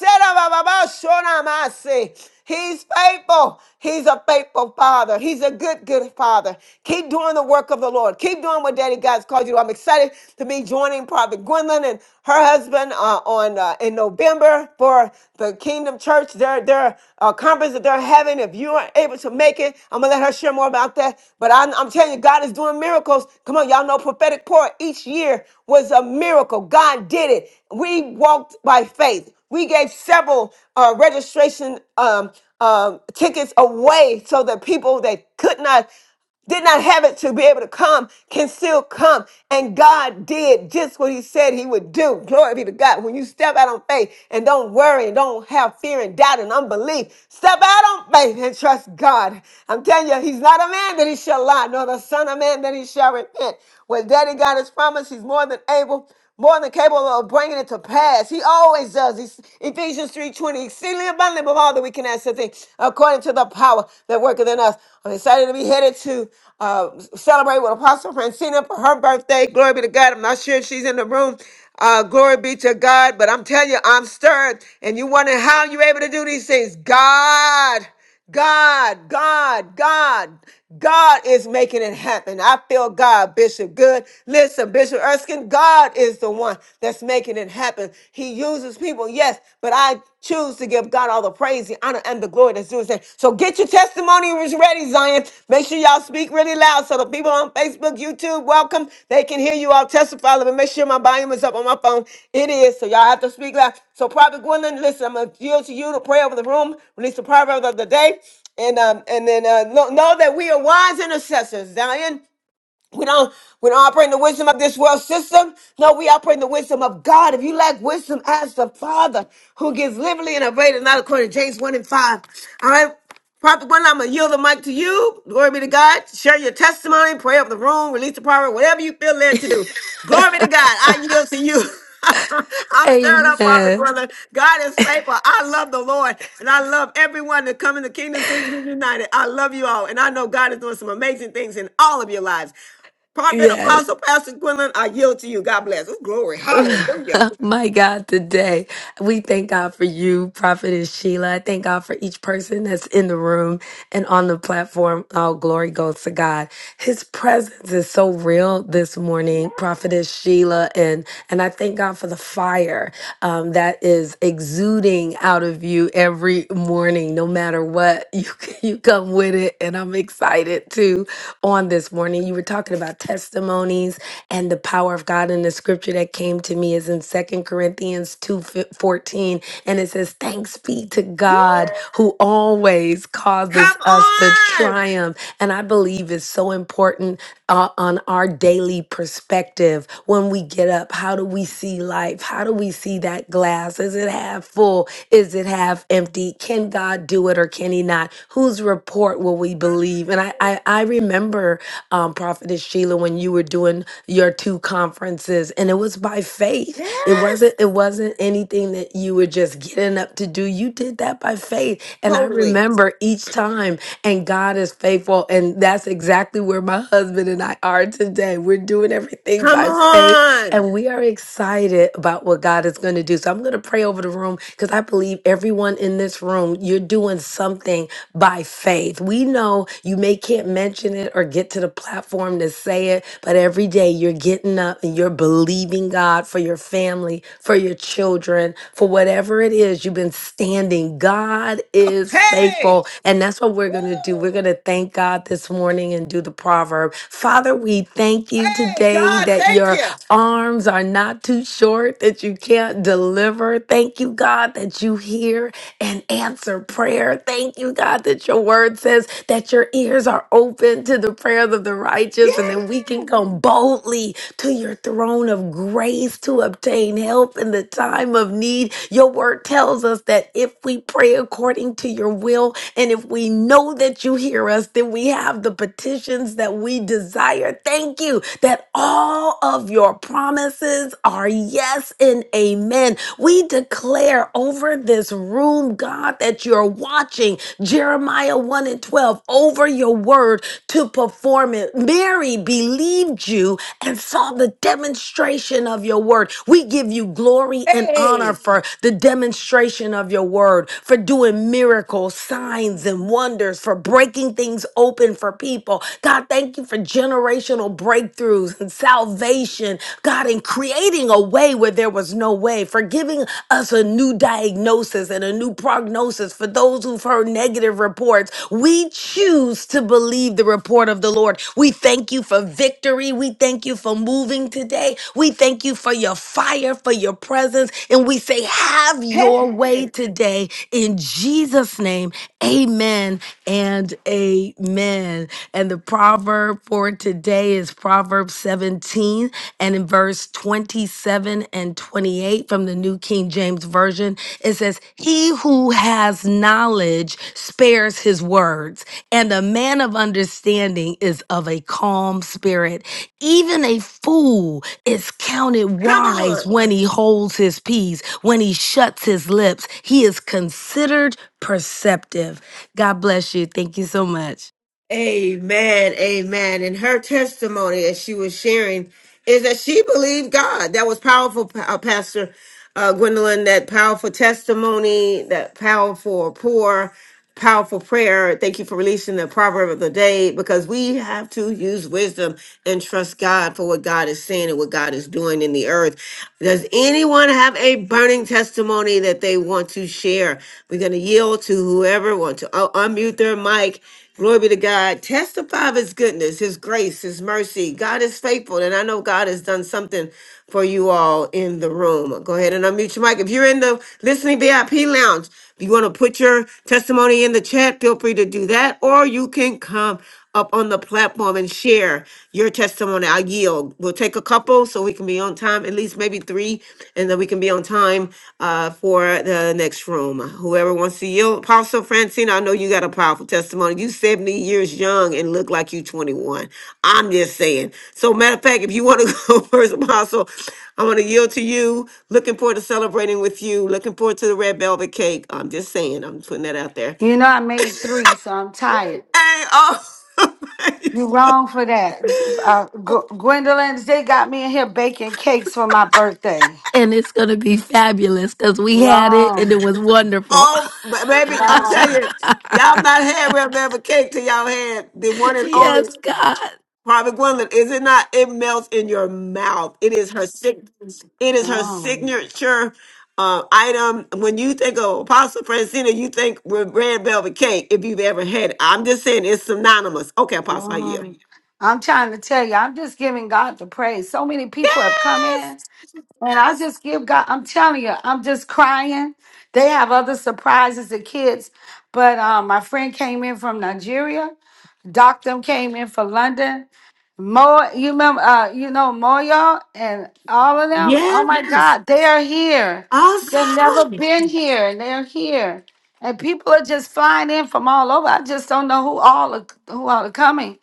Speaker 1: hayaramase, He's faithful. He's a faithful father. He's a good, good father. Keep doing the work of the Lord. Keep doing what Daddy God's called you to do. I'm excited to be joining Prophet Gwendolyn and her husband uh, on uh, in November for the Kingdom Church, their their uh, conference that they're having. If you are able to make it, I'm gonna let her share more about that. But I'm, I'm telling you, God is doing miracles. Come on, y'all know prophetic prayer each year was a miracle. God did it. We walked by faith. We gave several uh, registration um, um, tickets away so that people that could not did not have it to be able to come, can still come. And God did just what He said He would do. Glory be to God. When you step out on faith and don't worry and don't have fear and doubt and unbelief, step out on faith and trust God. I'm telling you, He's not a man that He shall lie, nor the Son of Man that He shall repent. What Daddy God has promised, He's more than able more than capable of bringing it to pass. He always does. He's, Ephesians 3.20, exceedingly abundantly above all that we can ask to think, according to the power that worketh in us. I'm excited to be headed to uh, celebrate with Apostle Francina for her birthday. Glory be to God. I'm not sure if she's in the room. Uh, glory be to God. But I'm telling you, I'm stirred. And you wonder how you're able to do these things. God. God, God, God, God is making it happen. I feel God, Bishop Good. Listen, Bishop Erskine, God is the one that's making it happen. He uses people, yes, but I choose to give God all the praise, the honor, and the glory that's due his name. So get your testimonies ready, Zion testifying. Make sure y'all speak really loud so the people on Facebook, YouTube, welcome. They can hear you all testify. Let me make sure my volume is up on my phone. It is. So y'all have to speak loud. So Prophet Gwendolyn, listen, I'm going to yield to you to pray over the room, release the proverb of the day. And um, and then uh, know, know that we are wise intercessors, Zion. We don't we don't operate in the wisdom of this world system. No, we operate in the wisdom of God. If you lack wisdom, ask the Father who gives liberally and abundantly, not according to James 1 and 5. All right. Prophet one, I'm gonna yield the mic to you. Glory be to God. Share your testimony, pray up the room, release the power, whatever you feel led to do. Glory be to God. I yield to you. I'm stirred up, Prophet
Speaker 17: Amen.
Speaker 1: Brother. God is faithful. I love the Lord, and I love everyone that come in the Kingdom Citizens United. I love you all, and I know God is doing some amazing things in all of your lives. Prophet,
Speaker 17: Yes.
Speaker 1: Apostle, Pastor Gwendolyn, I yield to you. God bless. Oh, glory. Hallelujah.
Speaker 17: My God, today we thank God for you, Prophetess Sheila. I thank God for each person that's in the room and on the platform. All glory goes to God. His presence is so real this morning, Prophetess Sheila, and and I thank God for the fire. um, that is exuding out of you every morning, no matter what. You you come with it, and I'm excited too. On this morning, you were talking about testimonies and the power of God, and the scripture that came to me is in Second Corinthians two fourteen, and it says, "Thanks be to
Speaker 1: Yeah.
Speaker 17: God who on always causes
Speaker 1: Come
Speaker 17: us to
Speaker 1: on.
Speaker 17: triumph. And I believe it's so important uh, on our daily perspective when we get up. How do we see life? How do we see that glass? Is it half full? Is it half empty? Can God do it or can He not? Whose report will we believe? And I, I, I remember, um, Prophetess Sheila, when you were doing your two conferences, and it was by faith. It
Speaker 1: Yes.
Speaker 17: wasn't. It wasn't anything that you were just getting up to do. You did that by faith and I
Speaker 1: Totally.
Speaker 17: remember each time, and God is faithful. And that's exactly where my husband and I are today. We're doing everything
Speaker 1: Come
Speaker 17: by faith,
Speaker 1: on.
Speaker 17: and we are excited about what God is going to do. So I'm going to pray over the room because I believe everyone in this room, you're doing something by faith. We know you may can't mention it or get to the platform to say it, but every day you're getting up and you're believing God for your family, for your children, for whatever it is you've been standing. God is
Speaker 1: Hey.
Speaker 17: faithful. And that's what we're going to do. We're
Speaker 1: Woo.
Speaker 17: going to thank God this morning and do the proverb. Father, we thank you
Speaker 1: Hey,
Speaker 17: today
Speaker 1: God,
Speaker 17: that
Speaker 1: thank
Speaker 17: your
Speaker 1: you.
Speaker 17: Arms are not too short that you can't deliver. Thank you, God, that you hear and answer prayer. Thank you, God, that your word says that your ears are open to the prayers of the righteous and
Speaker 1: Yeah.
Speaker 17: that we can come boldly to your throne of grace to obtain help in the time of need. Your word tells us that if we pray according to your will and if we know that you hear us, then we have the petitions that we desire thank you that all of your promises are yes and amen. We declare over this room, God, that you're watching Jeremiah 1 and 12 over your word to perform it. Mary believed you and saw the demonstration of your word. We give you glory and honor
Speaker 1: Hey.
Speaker 17: for the demonstration of your word, for doing miracles, signs, and wonders, for breaking things open for people people. God, thank you for generational breakthroughs and salvation. God, in creating a way where there was no way, for giving us a new diagnosis and a new prognosis for those who've heard negative reports. We choose to believe the report of the Lord. We thank you for victory. We thank you for moving today. We thank you for your fire, for your presence. And we say, have your way
Speaker 1: Hey.
Speaker 17: today in Jesus' name. Amen and amen. And the proverb for today is Proverbs 17 and in verse 27 and 28 from the New King James Version, it says, He who has knowledge spares his words, and a man of understanding is of a calm spirit. Even a fool is counted
Speaker 1: Come
Speaker 17: wise
Speaker 1: on.
Speaker 17: when he holds his peace, when he shuts his lips. He is considered perceptive. God bless you. Thank you so much.
Speaker 1: Amen. Amen. And her testimony, as she was sharing, is that she believed God. That was powerful, Pa- uh, Pastor uh, Gwendolyn. That powerful testimony, that powerful pour, powerful prayer. Thank you for releasing the proverb of the day because we have to use wisdom and trust God for what God is saying and what God is doing in the earth. Does anyone have a burning testimony that they want to share? We're going to yield to whoever wants to uh, unmute their mic Glory be to God. Testify of his goodness, his grace, his mercy. God is faithful. And I know God has done something for you all in the room. Go ahead and unmute your mic. If you're in the listening VIP lounge, if you want to put your testimony in the chat, feel free to do that. Or you can come up on the platform and share your testimony. I yield. We'll take a couple so we can be on time, at least maybe three, and then we can be on time uh, for the next room. Whoever wants to yield. Apostle Francine, I know you got a powerful testimony. You 70 years young and look like you 21. I'm just saying. So matter of fact, if you want to go first, Apostle, I want to yield to you. Looking forward to celebrating with you. Looking forward to the red velvet cake. I'm just saying. I'm putting that out there.
Speaker 18: You know, I made three, so I'm tired.
Speaker 1: Hey, oh.
Speaker 18: You wrong for that. Uh, G- Gwendolyn's, they got me in here baking cakes for my birthday.
Speaker 17: And it's going to be fabulous because we had it and
Speaker 18: Wrong.
Speaker 17: it was wonderful.
Speaker 1: Oh, ba- baby, I'm telling
Speaker 18: Wrong.
Speaker 1: you, y'all not had real velvet cake till y'all had the one and only
Speaker 17: yes, God.
Speaker 1: Private Gwendolyn. Is it not? It melts in your mouth. It is her sig- It is her
Speaker 18: Wrong.
Speaker 1: signature uh, item. When you think of Apostle Francina, you think with red velvet cake. If you've ever had it, I'm just saying it's synonymous. Okay, Apostle, I yield.
Speaker 18: Wrong. I'm trying to tell you, I'm just giving God the praise. So many people have come
Speaker 1: Yes.
Speaker 18: in, and I just give God, I'm telling you, I'm just crying. They have other surprises, the kids. But um, my friend came in from Nigeria. Doc them came in for London. More, you remember, uh, you know, Moyo and all of them. Oh
Speaker 1: Yes.
Speaker 18: my God, they are here. They've never
Speaker 1: Awesome.
Speaker 18: been here, and they're here. And people are just flying in from all over. I just don't know who all are, who all are coming.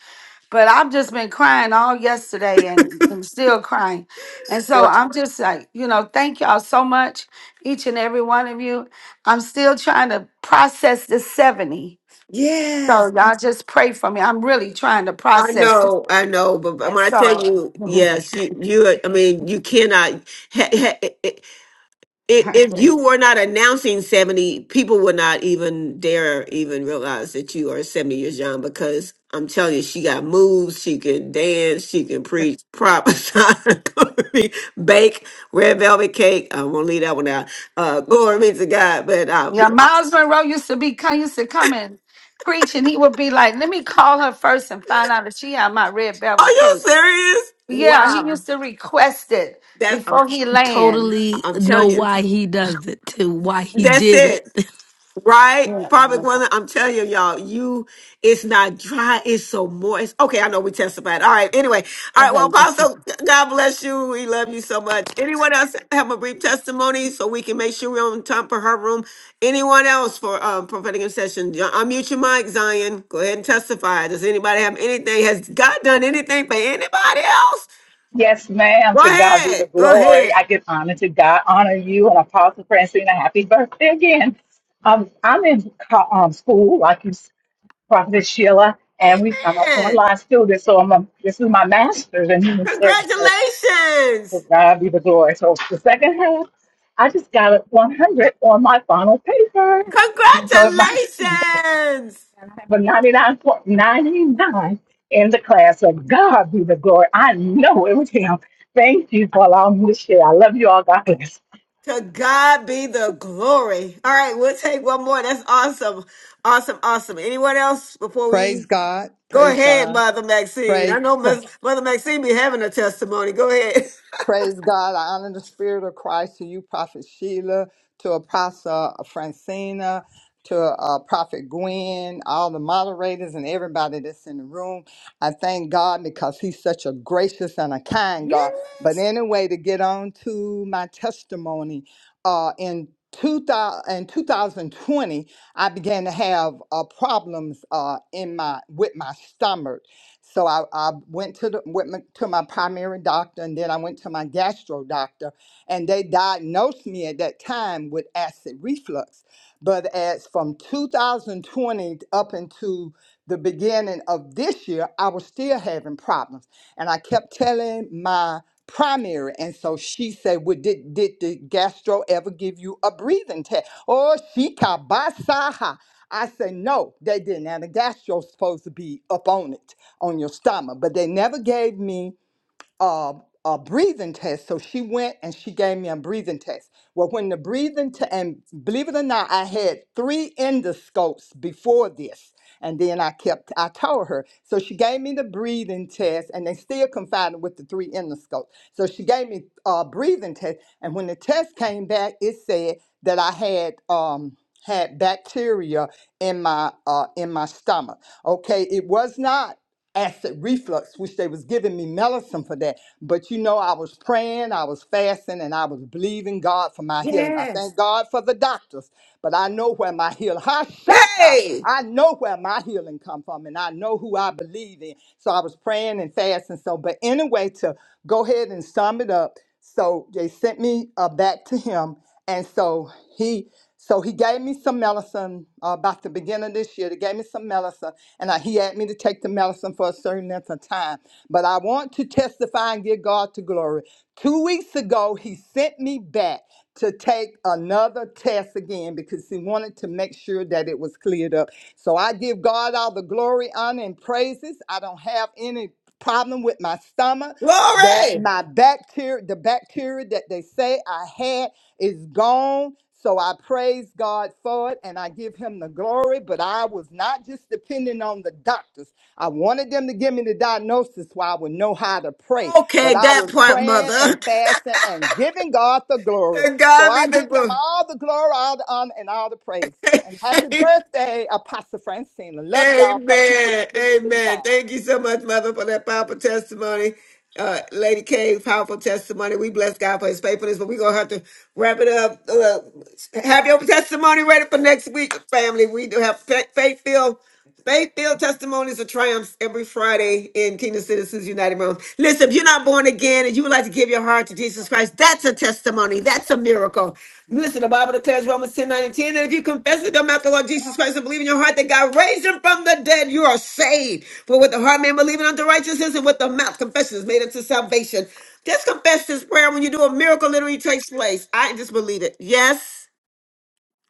Speaker 18: But I've just been crying all yesterday, and I'm still crying. And so I'm just like, you know, thank y'all so much, each and every one of you. I'm still trying to process the seventy.
Speaker 1: Yes.
Speaker 18: So y'all just pray for me. I'm really trying to
Speaker 1: I
Speaker 18: process it.
Speaker 1: know, I know, but but
Speaker 18: And
Speaker 1: when I tell
Speaker 18: so
Speaker 1: you, yes, you, you, I mean, you cannot. ha- ha- i- i- If
Speaker 18: okay.
Speaker 1: you were not announcing 70, people would not even dare even realize that you are 70 years young because I'm telling you, she got moves, she can dance, she can preach, prophesy, bake red velvet cake. I won't leave that one out. Uh, glory be to God. But uh,
Speaker 18: yeah,
Speaker 1: we, uh,
Speaker 18: Miles Monroe used to be come used to come and preach, and he would be like, "Let me call her first and find out if she had my red
Speaker 1: are
Speaker 18: velvet
Speaker 1: you
Speaker 18: cake."
Speaker 1: serious?
Speaker 18: Yeah, he
Speaker 1: Wow.
Speaker 18: used to request it
Speaker 1: That's, I'm,
Speaker 18: before he land.
Speaker 17: Totally
Speaker 1: I'm
Speaker 17: know
Speaker 1: telling you,
Speaker 17: why he does it too, why he
Speaker 1: that's
Speaker 17: did
Speaker 1: it.
Speaker 17: it.
Speaker 1: Right?
Speaker 18: Yeah.
Speaker 1: Prophet Gwendolyn, I'm telling you, y'all, you, it's not dry, it's so moist. Okay, I know we testified. All right, anyway. All right, well,
Speaker 18: Okay.
Speaker 1: Apostle, God bless you. We love you so much. Anyone else have a brief testimony so we can make sure we're on time for her room? Anyone else for um, prophetic intercession? Yo- Unmute your mic, Zion. Go ahead and testify. Does anybody have anything? Has God done anything for anybody else?
Speaker 9: Yes, ma'am.
Speaker 1: Go
Speaker 9: To God be
Speaker 1: ahead.
Speaker 9: the
Speaker 1: Go
Speaker 9: glory.
Speaker 1: ahead.
Speaker 9: I give honor to God. Honor you and Apostle Francina. Happy birthday again. Um, I'm in co- um, school, like you, s- Prophet Sheila, and we, I'm an
Speaker 1: Amen.
Speaker 9: online student, so I'm a, this is my master's in human services.
Speaker 1: Congratulations.
Speaker 9: To God be the glory. So the second half, I just got a 100 on my final paper, and so it might.
Speaker 1: Congratulations!
Speaker 9: But 99.99 in the class. So God be the glory. I know it was him. Thank you for allowing me to share. I love you all. God bless.
Speaker 1: To God be the glory. All right, we'll take one more. That's awesome. Awesome, awesome. Anyone else before we
Speaker 8: Praise God.
Speaker 1: go
Speaker 8: Praise
Speaker 1: ahead,
Speaker 8: God.
Speaker 1: Mother Maxine?
Speaker 8: Praise.
Speaker 1: I know Ms. Mother Maxine be having a testimony. Go ahead.
Speaker 8: Praise God. I honor the spirit of Christ to you, Prophet Sheila, to Apostle Francina, to uh, Prophet Gwen, all the moderators and everybody that's in the room. I thank God because he's such a gracious and a kind God. But anyway, to get on to my testimony, uh, in 2000, in 2020, I began to have uh, problems uh, in my with my stomach so I, I went to the went my- to my primary doctor, and then I went to my gastro doctor, and they diagnosed me at that time with acid reflux. But as from 2020 up into the beginning of this year, I was still having problems, and I kept telling my primary, and so she said, "Well, did did the gastro ever give you a breathing test?" Oh, she kabasaha. I said, "No, they didn't." And the gastro's supposed to be up on it on your stomach. But they never gave me a, a breathing test. So she went and she gave me a breathing test. Well, when the breathing test, and believe it or not, I had three endoscopes before this. And then I kept, I told her. So she gave me the breathing test, and they still confined with the three endoscopes. So she gave me a breathing test. And when the test came back, it said that I had, um, had bacteria in my uh, in my stomach. Okay, it was not acid reflux, which they was giving me medicine for that. But you know, I was praying, I was fasting, and I was believing God for my healing. I
Speaker 1: Yes.
Speaker 8: thank God for the doctors, but I know where my healing. Hashaka.
Speaker 1: Yay!
Speaker 8: I know where my healing come from, and I know who I believe in. So I was praying and fasting. So, but anyway, to go ahead and sum it up. So they sent me uh, back to him, and so he so he gave me some medicine uh, about the beginning of this year. They gave me some medicine, and I, he had me to take the medicine for a certain length of time. But I want to testify and give God to glory. Two weeks ago, he sent me back to take another test again because he wanted to make sure that it was cleared up. So I give God all the glory, honor, and praises. I don't have any problem with my stomach that
Speaker 1: Glory!
Speaker 8: my bacteria, the bacteria that they say I had is gone. So I praise God for it and I give him the glory. But I was not just depending on the doctors. I wanted them to give me the diagnosis so I would know how to pray. But
Speaker 1: Okay,
Speaker 8: I
Speaker 1: that
Speaker 8: was
Speaker 1: part,
Speaker 8: praying
Speaker 1: Mother.
Speaker 8: and fasting and giving God the glory.
Speaker 1: To
Speaker 8: So
Speaker 1: God
Speaker 8: I
Speaker 1: be the
Speaker 8: give him
Speaker 1: glory.
Speaker 8: all the glory, all the honor, and all the praise. And happy birthday, Apostle Francina. Love y'all. Thank you for
Speaker 1: Amen.
Speaker 8: giving me this
Speaker 1: Amen.
Speaker 8: time.
Speaker 1: Thank you so much, Mother, for that powerful testimony. Uh, Lady K, powerful testimony. We bless God for his faithfulness, but we're going to have to wrap it up. Uh, have your testimony ready for next week, family. We do have faith filled. Faith filled testimonies of triumphs every Friday in Kingdom Citizens United Room. Listen, if you're not born again and you would like to give your heart to Jesus Christ, that's a testimony. That's a miracle. Listen, the Bible declares Romans 10 nine, and 10 that if you confess with your mouth the Lord Jesus Christ and believe in your heart that God raised him from the dead, you are saved. For with the heart man believing unto righteousness and with the mouth confession is made unto salvation. Just confess this prayer when you do a miracle literally takes place. I just believe it. Yes.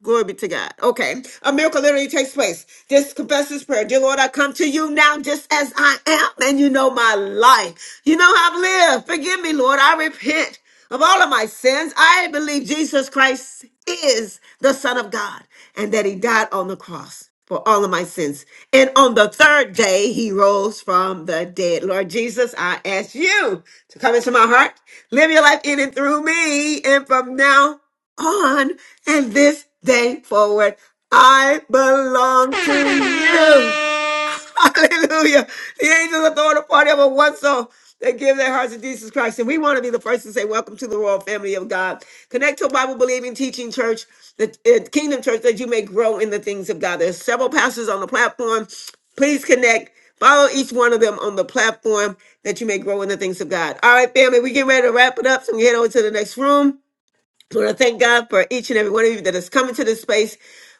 Speaker 1: Glory be to God. Okay. A miracle literally takes place. Just confess this prayer. Dear Lord, I come to you now just as I am, and you know my life. You know how I've lived. Forgive me, Lord. I repent of all of my sins. I believe Jesus Christ is the Son of God and that he died on the cross for all of my sins. And on the third day, he rose from the dead. Lord Jesus, I ask you to come into my heart, live your life in and through me. And from now on and this day forward. I belong to you. Hallelujah. The angels are throwing a party over one soul. They give their hearts to Jesus Christ. And we want to be the first to say, Welcome to the royal family of God. Connect to a Bible believing teaching church, the uh, kingdom church, that you may grow in the things of God. There's several pastors on the platform. Please connect. Follow each one of them on the platform that you may grow in the things of God. All right, family, we get ready to wrap it up. So we head over to the next room. I want to thank God for each and every one of you that is coming to this space.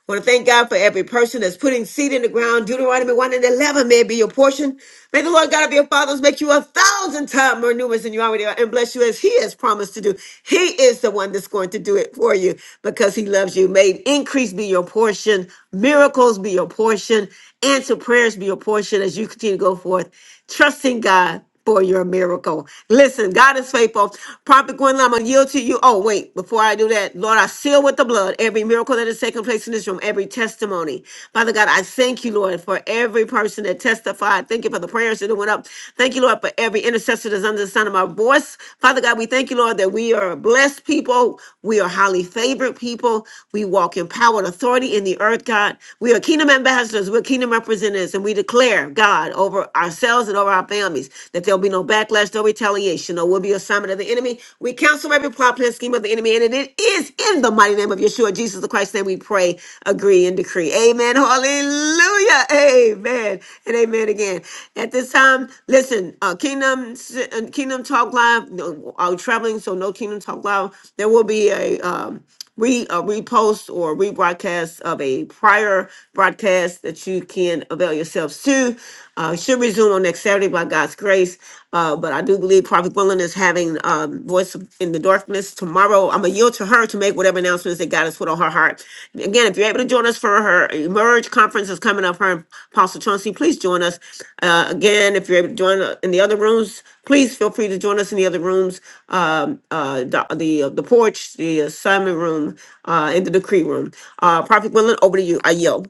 Speaker 1: I want to thank God for every person that's putting seed in the ground. Deuteronomy 1 and 11 may be your portion. May the Lord God of your fathers make you a thousand times more numerous than you already are and bless you as he has promised to do. He is the one that's going to do it for you because he loves you. May increase be your portion, miracles be your portion, answer prayers be your portion as you continue to go forth, trusting God for your miracle. Listen, God is faithful. Prophet Gwendolyn, I'm going to yield to you. Oh, wait, before I do that, Lord, I seal with the blood every miracle that is taking place in this room, every testimony. Father God, I thank you, Lord, for every person that testified. Thank you for the prayers that went up. Thank you, Lord, for every intercessor that's under the sound of my voice. Father God, we thank you, Lord, that we are blessed people. We are highly favored people. We walk in power and authority in the earth, God. We are kingdom ambassadors. We're kingdom representatives, and we declare, God, over over ourselves and over our families, that there'll be no backlash, no retaliation, or will be assignment of the enemy. We cancel every plot, plan, scheme of the enemy, and it is in the mighty name of Yeshua, Jesus the Christ, that we pray, agree, and decree. Amen. Hallelujah. Amen. And amen again. At this time, listen, uh, Kingdom Ci- uh, Kingdom Talk Live, no, I'm traveling, so no Kingdom Talk Live. There will be a. Um, re uh, repost or rebroadcast of a prior broadcast that you can avail yourselves to. Uh, should resume on next Saturday by God's grace. Uh, but I do believe Prophet Gwendolyn is having um, Voice in the Darkness tomorrow. I'm going to yield to her to make whatever announcements that God has put on her heart. Again, if you're able to join us for her Emerge conference is coming up, her and Apostle Chauncey, please join us. Uh, again, if you're able to join uh, in the other rooms, Please feel free to join us in the other rooms, um, uh, the the, uh, the porch, the assignment room, uh, and the decree room. Uh, Prophet Gwendolyn, over to you. I yield.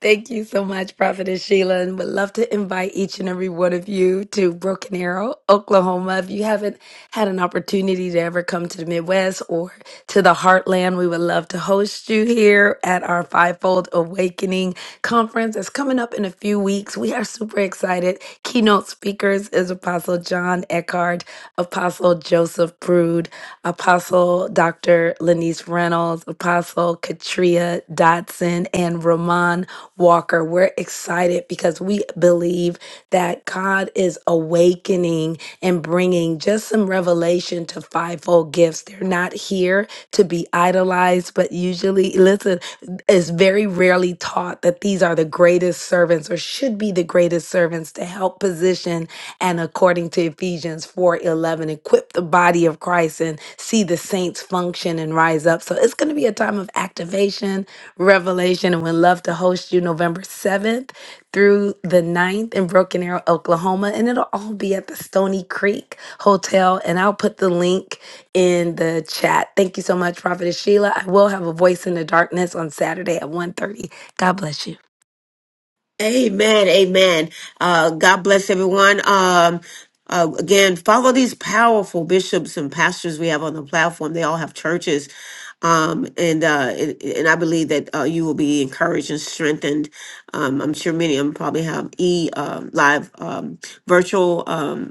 Speaker 17: Thank you so much, Prophetess Sheila. And would love to invite each and every one of you to Broken Arrow, Oklahoma. If you haven't had an opportunity to ever come to the Midwest or to the Heartland, we would love to host you here at our Fivefold Awakening conference that's coming up in a few weeks. We are super excited. Keynote speakers is Apostle John Eckhart, Apostle Joseph Brood, Apostle Dr. Lenice Reynolds, Apostle Katria Dotson, and Ramon Walker. We're excited because we believe that God is awakening and bringing evening, just some revelation to fivefold gifts. They're not here to be idolized, but usually, listen, it's very rarely taught that these are the greatest servants or should be the greatest servants to help position and according to Ephesians 4 11, equip the body of Christ and see the saints function and rise up. So it's going to be a time of activation, revelation, and we'd love to host you November 7th through the ninth in Broken Arrow, Oklahoma, and it'll all be at the Stony Creek Hotel. And I'll put the link in the chat. Thank you so much, Prophetess Sheila. I will have a voice in the darkness on Saturday at one thirty. God bless you.
Speaker 1: Amen. Amen. Uh, God bless everyone. Um, uh, again, follow these powerful bishops and pastors we have on the platform. They all have churches. Um, and, uh, it, and I believe that, uh, you will be encouraged and strengthened. Um, I'm sure many of them probably have e, uh, live, um, virtual, um,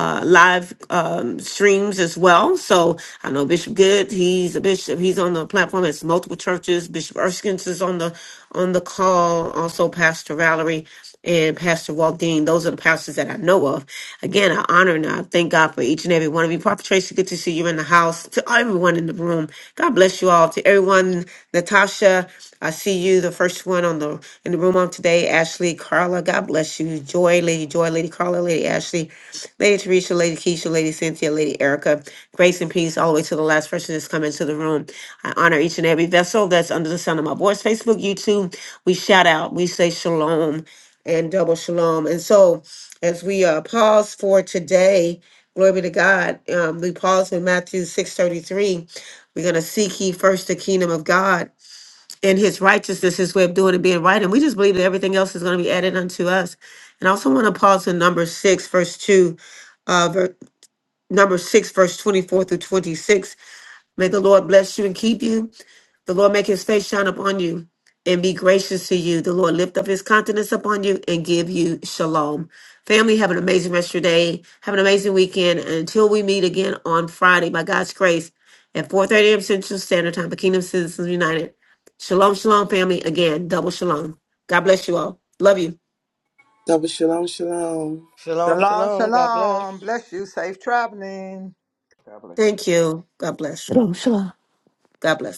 Speaker 1: uh, live um, streams as well. So I know Bishop Good, he's a bishop. He's on the platform. It's multiple churches. Bishop Erskine's is on the on the call. Also, Pastor Valerie and Pastor Walt Dean. Those are the pastors that I know of. Again, I honor and I thank God for each and every one of you. Prophet Tracy, good to see you in the house. To everyone in the room, God bless you all all, to everyone. Natasha, I see you, the first one on the in the room on today. Ashley, Carla, God bless you. Joy, Lady Joy, Lady Carla, Lady Ashley, Lady Teresa, Lady Keisha, Lady Cynthia, Lady Erica. Grace and peace all the way to the last person that's come into the room. I honor each and every vessel that's under the sound of my voice. Facebook, YouTube, we shout out, we say shalom and double shalom. And so, as we uh, pause for today, glory be to God. Um, we pause in Matthew six thirty three. We're gonna seek ye first the kingdom of God and his righteousness, his way of doing and being right. And we just believe that everything else is gonna be added unto us. And I also want to pause in number six, verse two, uh ver- number six, verse 24 through 26. May the Lord bless you and keep you. The Lord make his face shine upon you and be gracious to you. The Lord lift up his countenance upon you and give you shalom. Family, have an amazing rest of your day. Have an amazing weekend. And until we meet again on Friday, by God's grace, at 4.30 a.m. Central Standard Time for Kingdom Citizens United. Shalom, shalom, family. Again, double shalom. God bless you all. Love you.
Speaker 4: Double shalom, shalom.
Speaker 16: Shalom,
Speaker 8: Shalom,
Speaker 16: shalom. God bless.
Speaker 8: shalom. Bless you. Safe traveling.
Speaker 19: God bless you.
Speaker 1: Thank you. God bless.
Speaker 13: Shosha.
Speaker 1: God bless.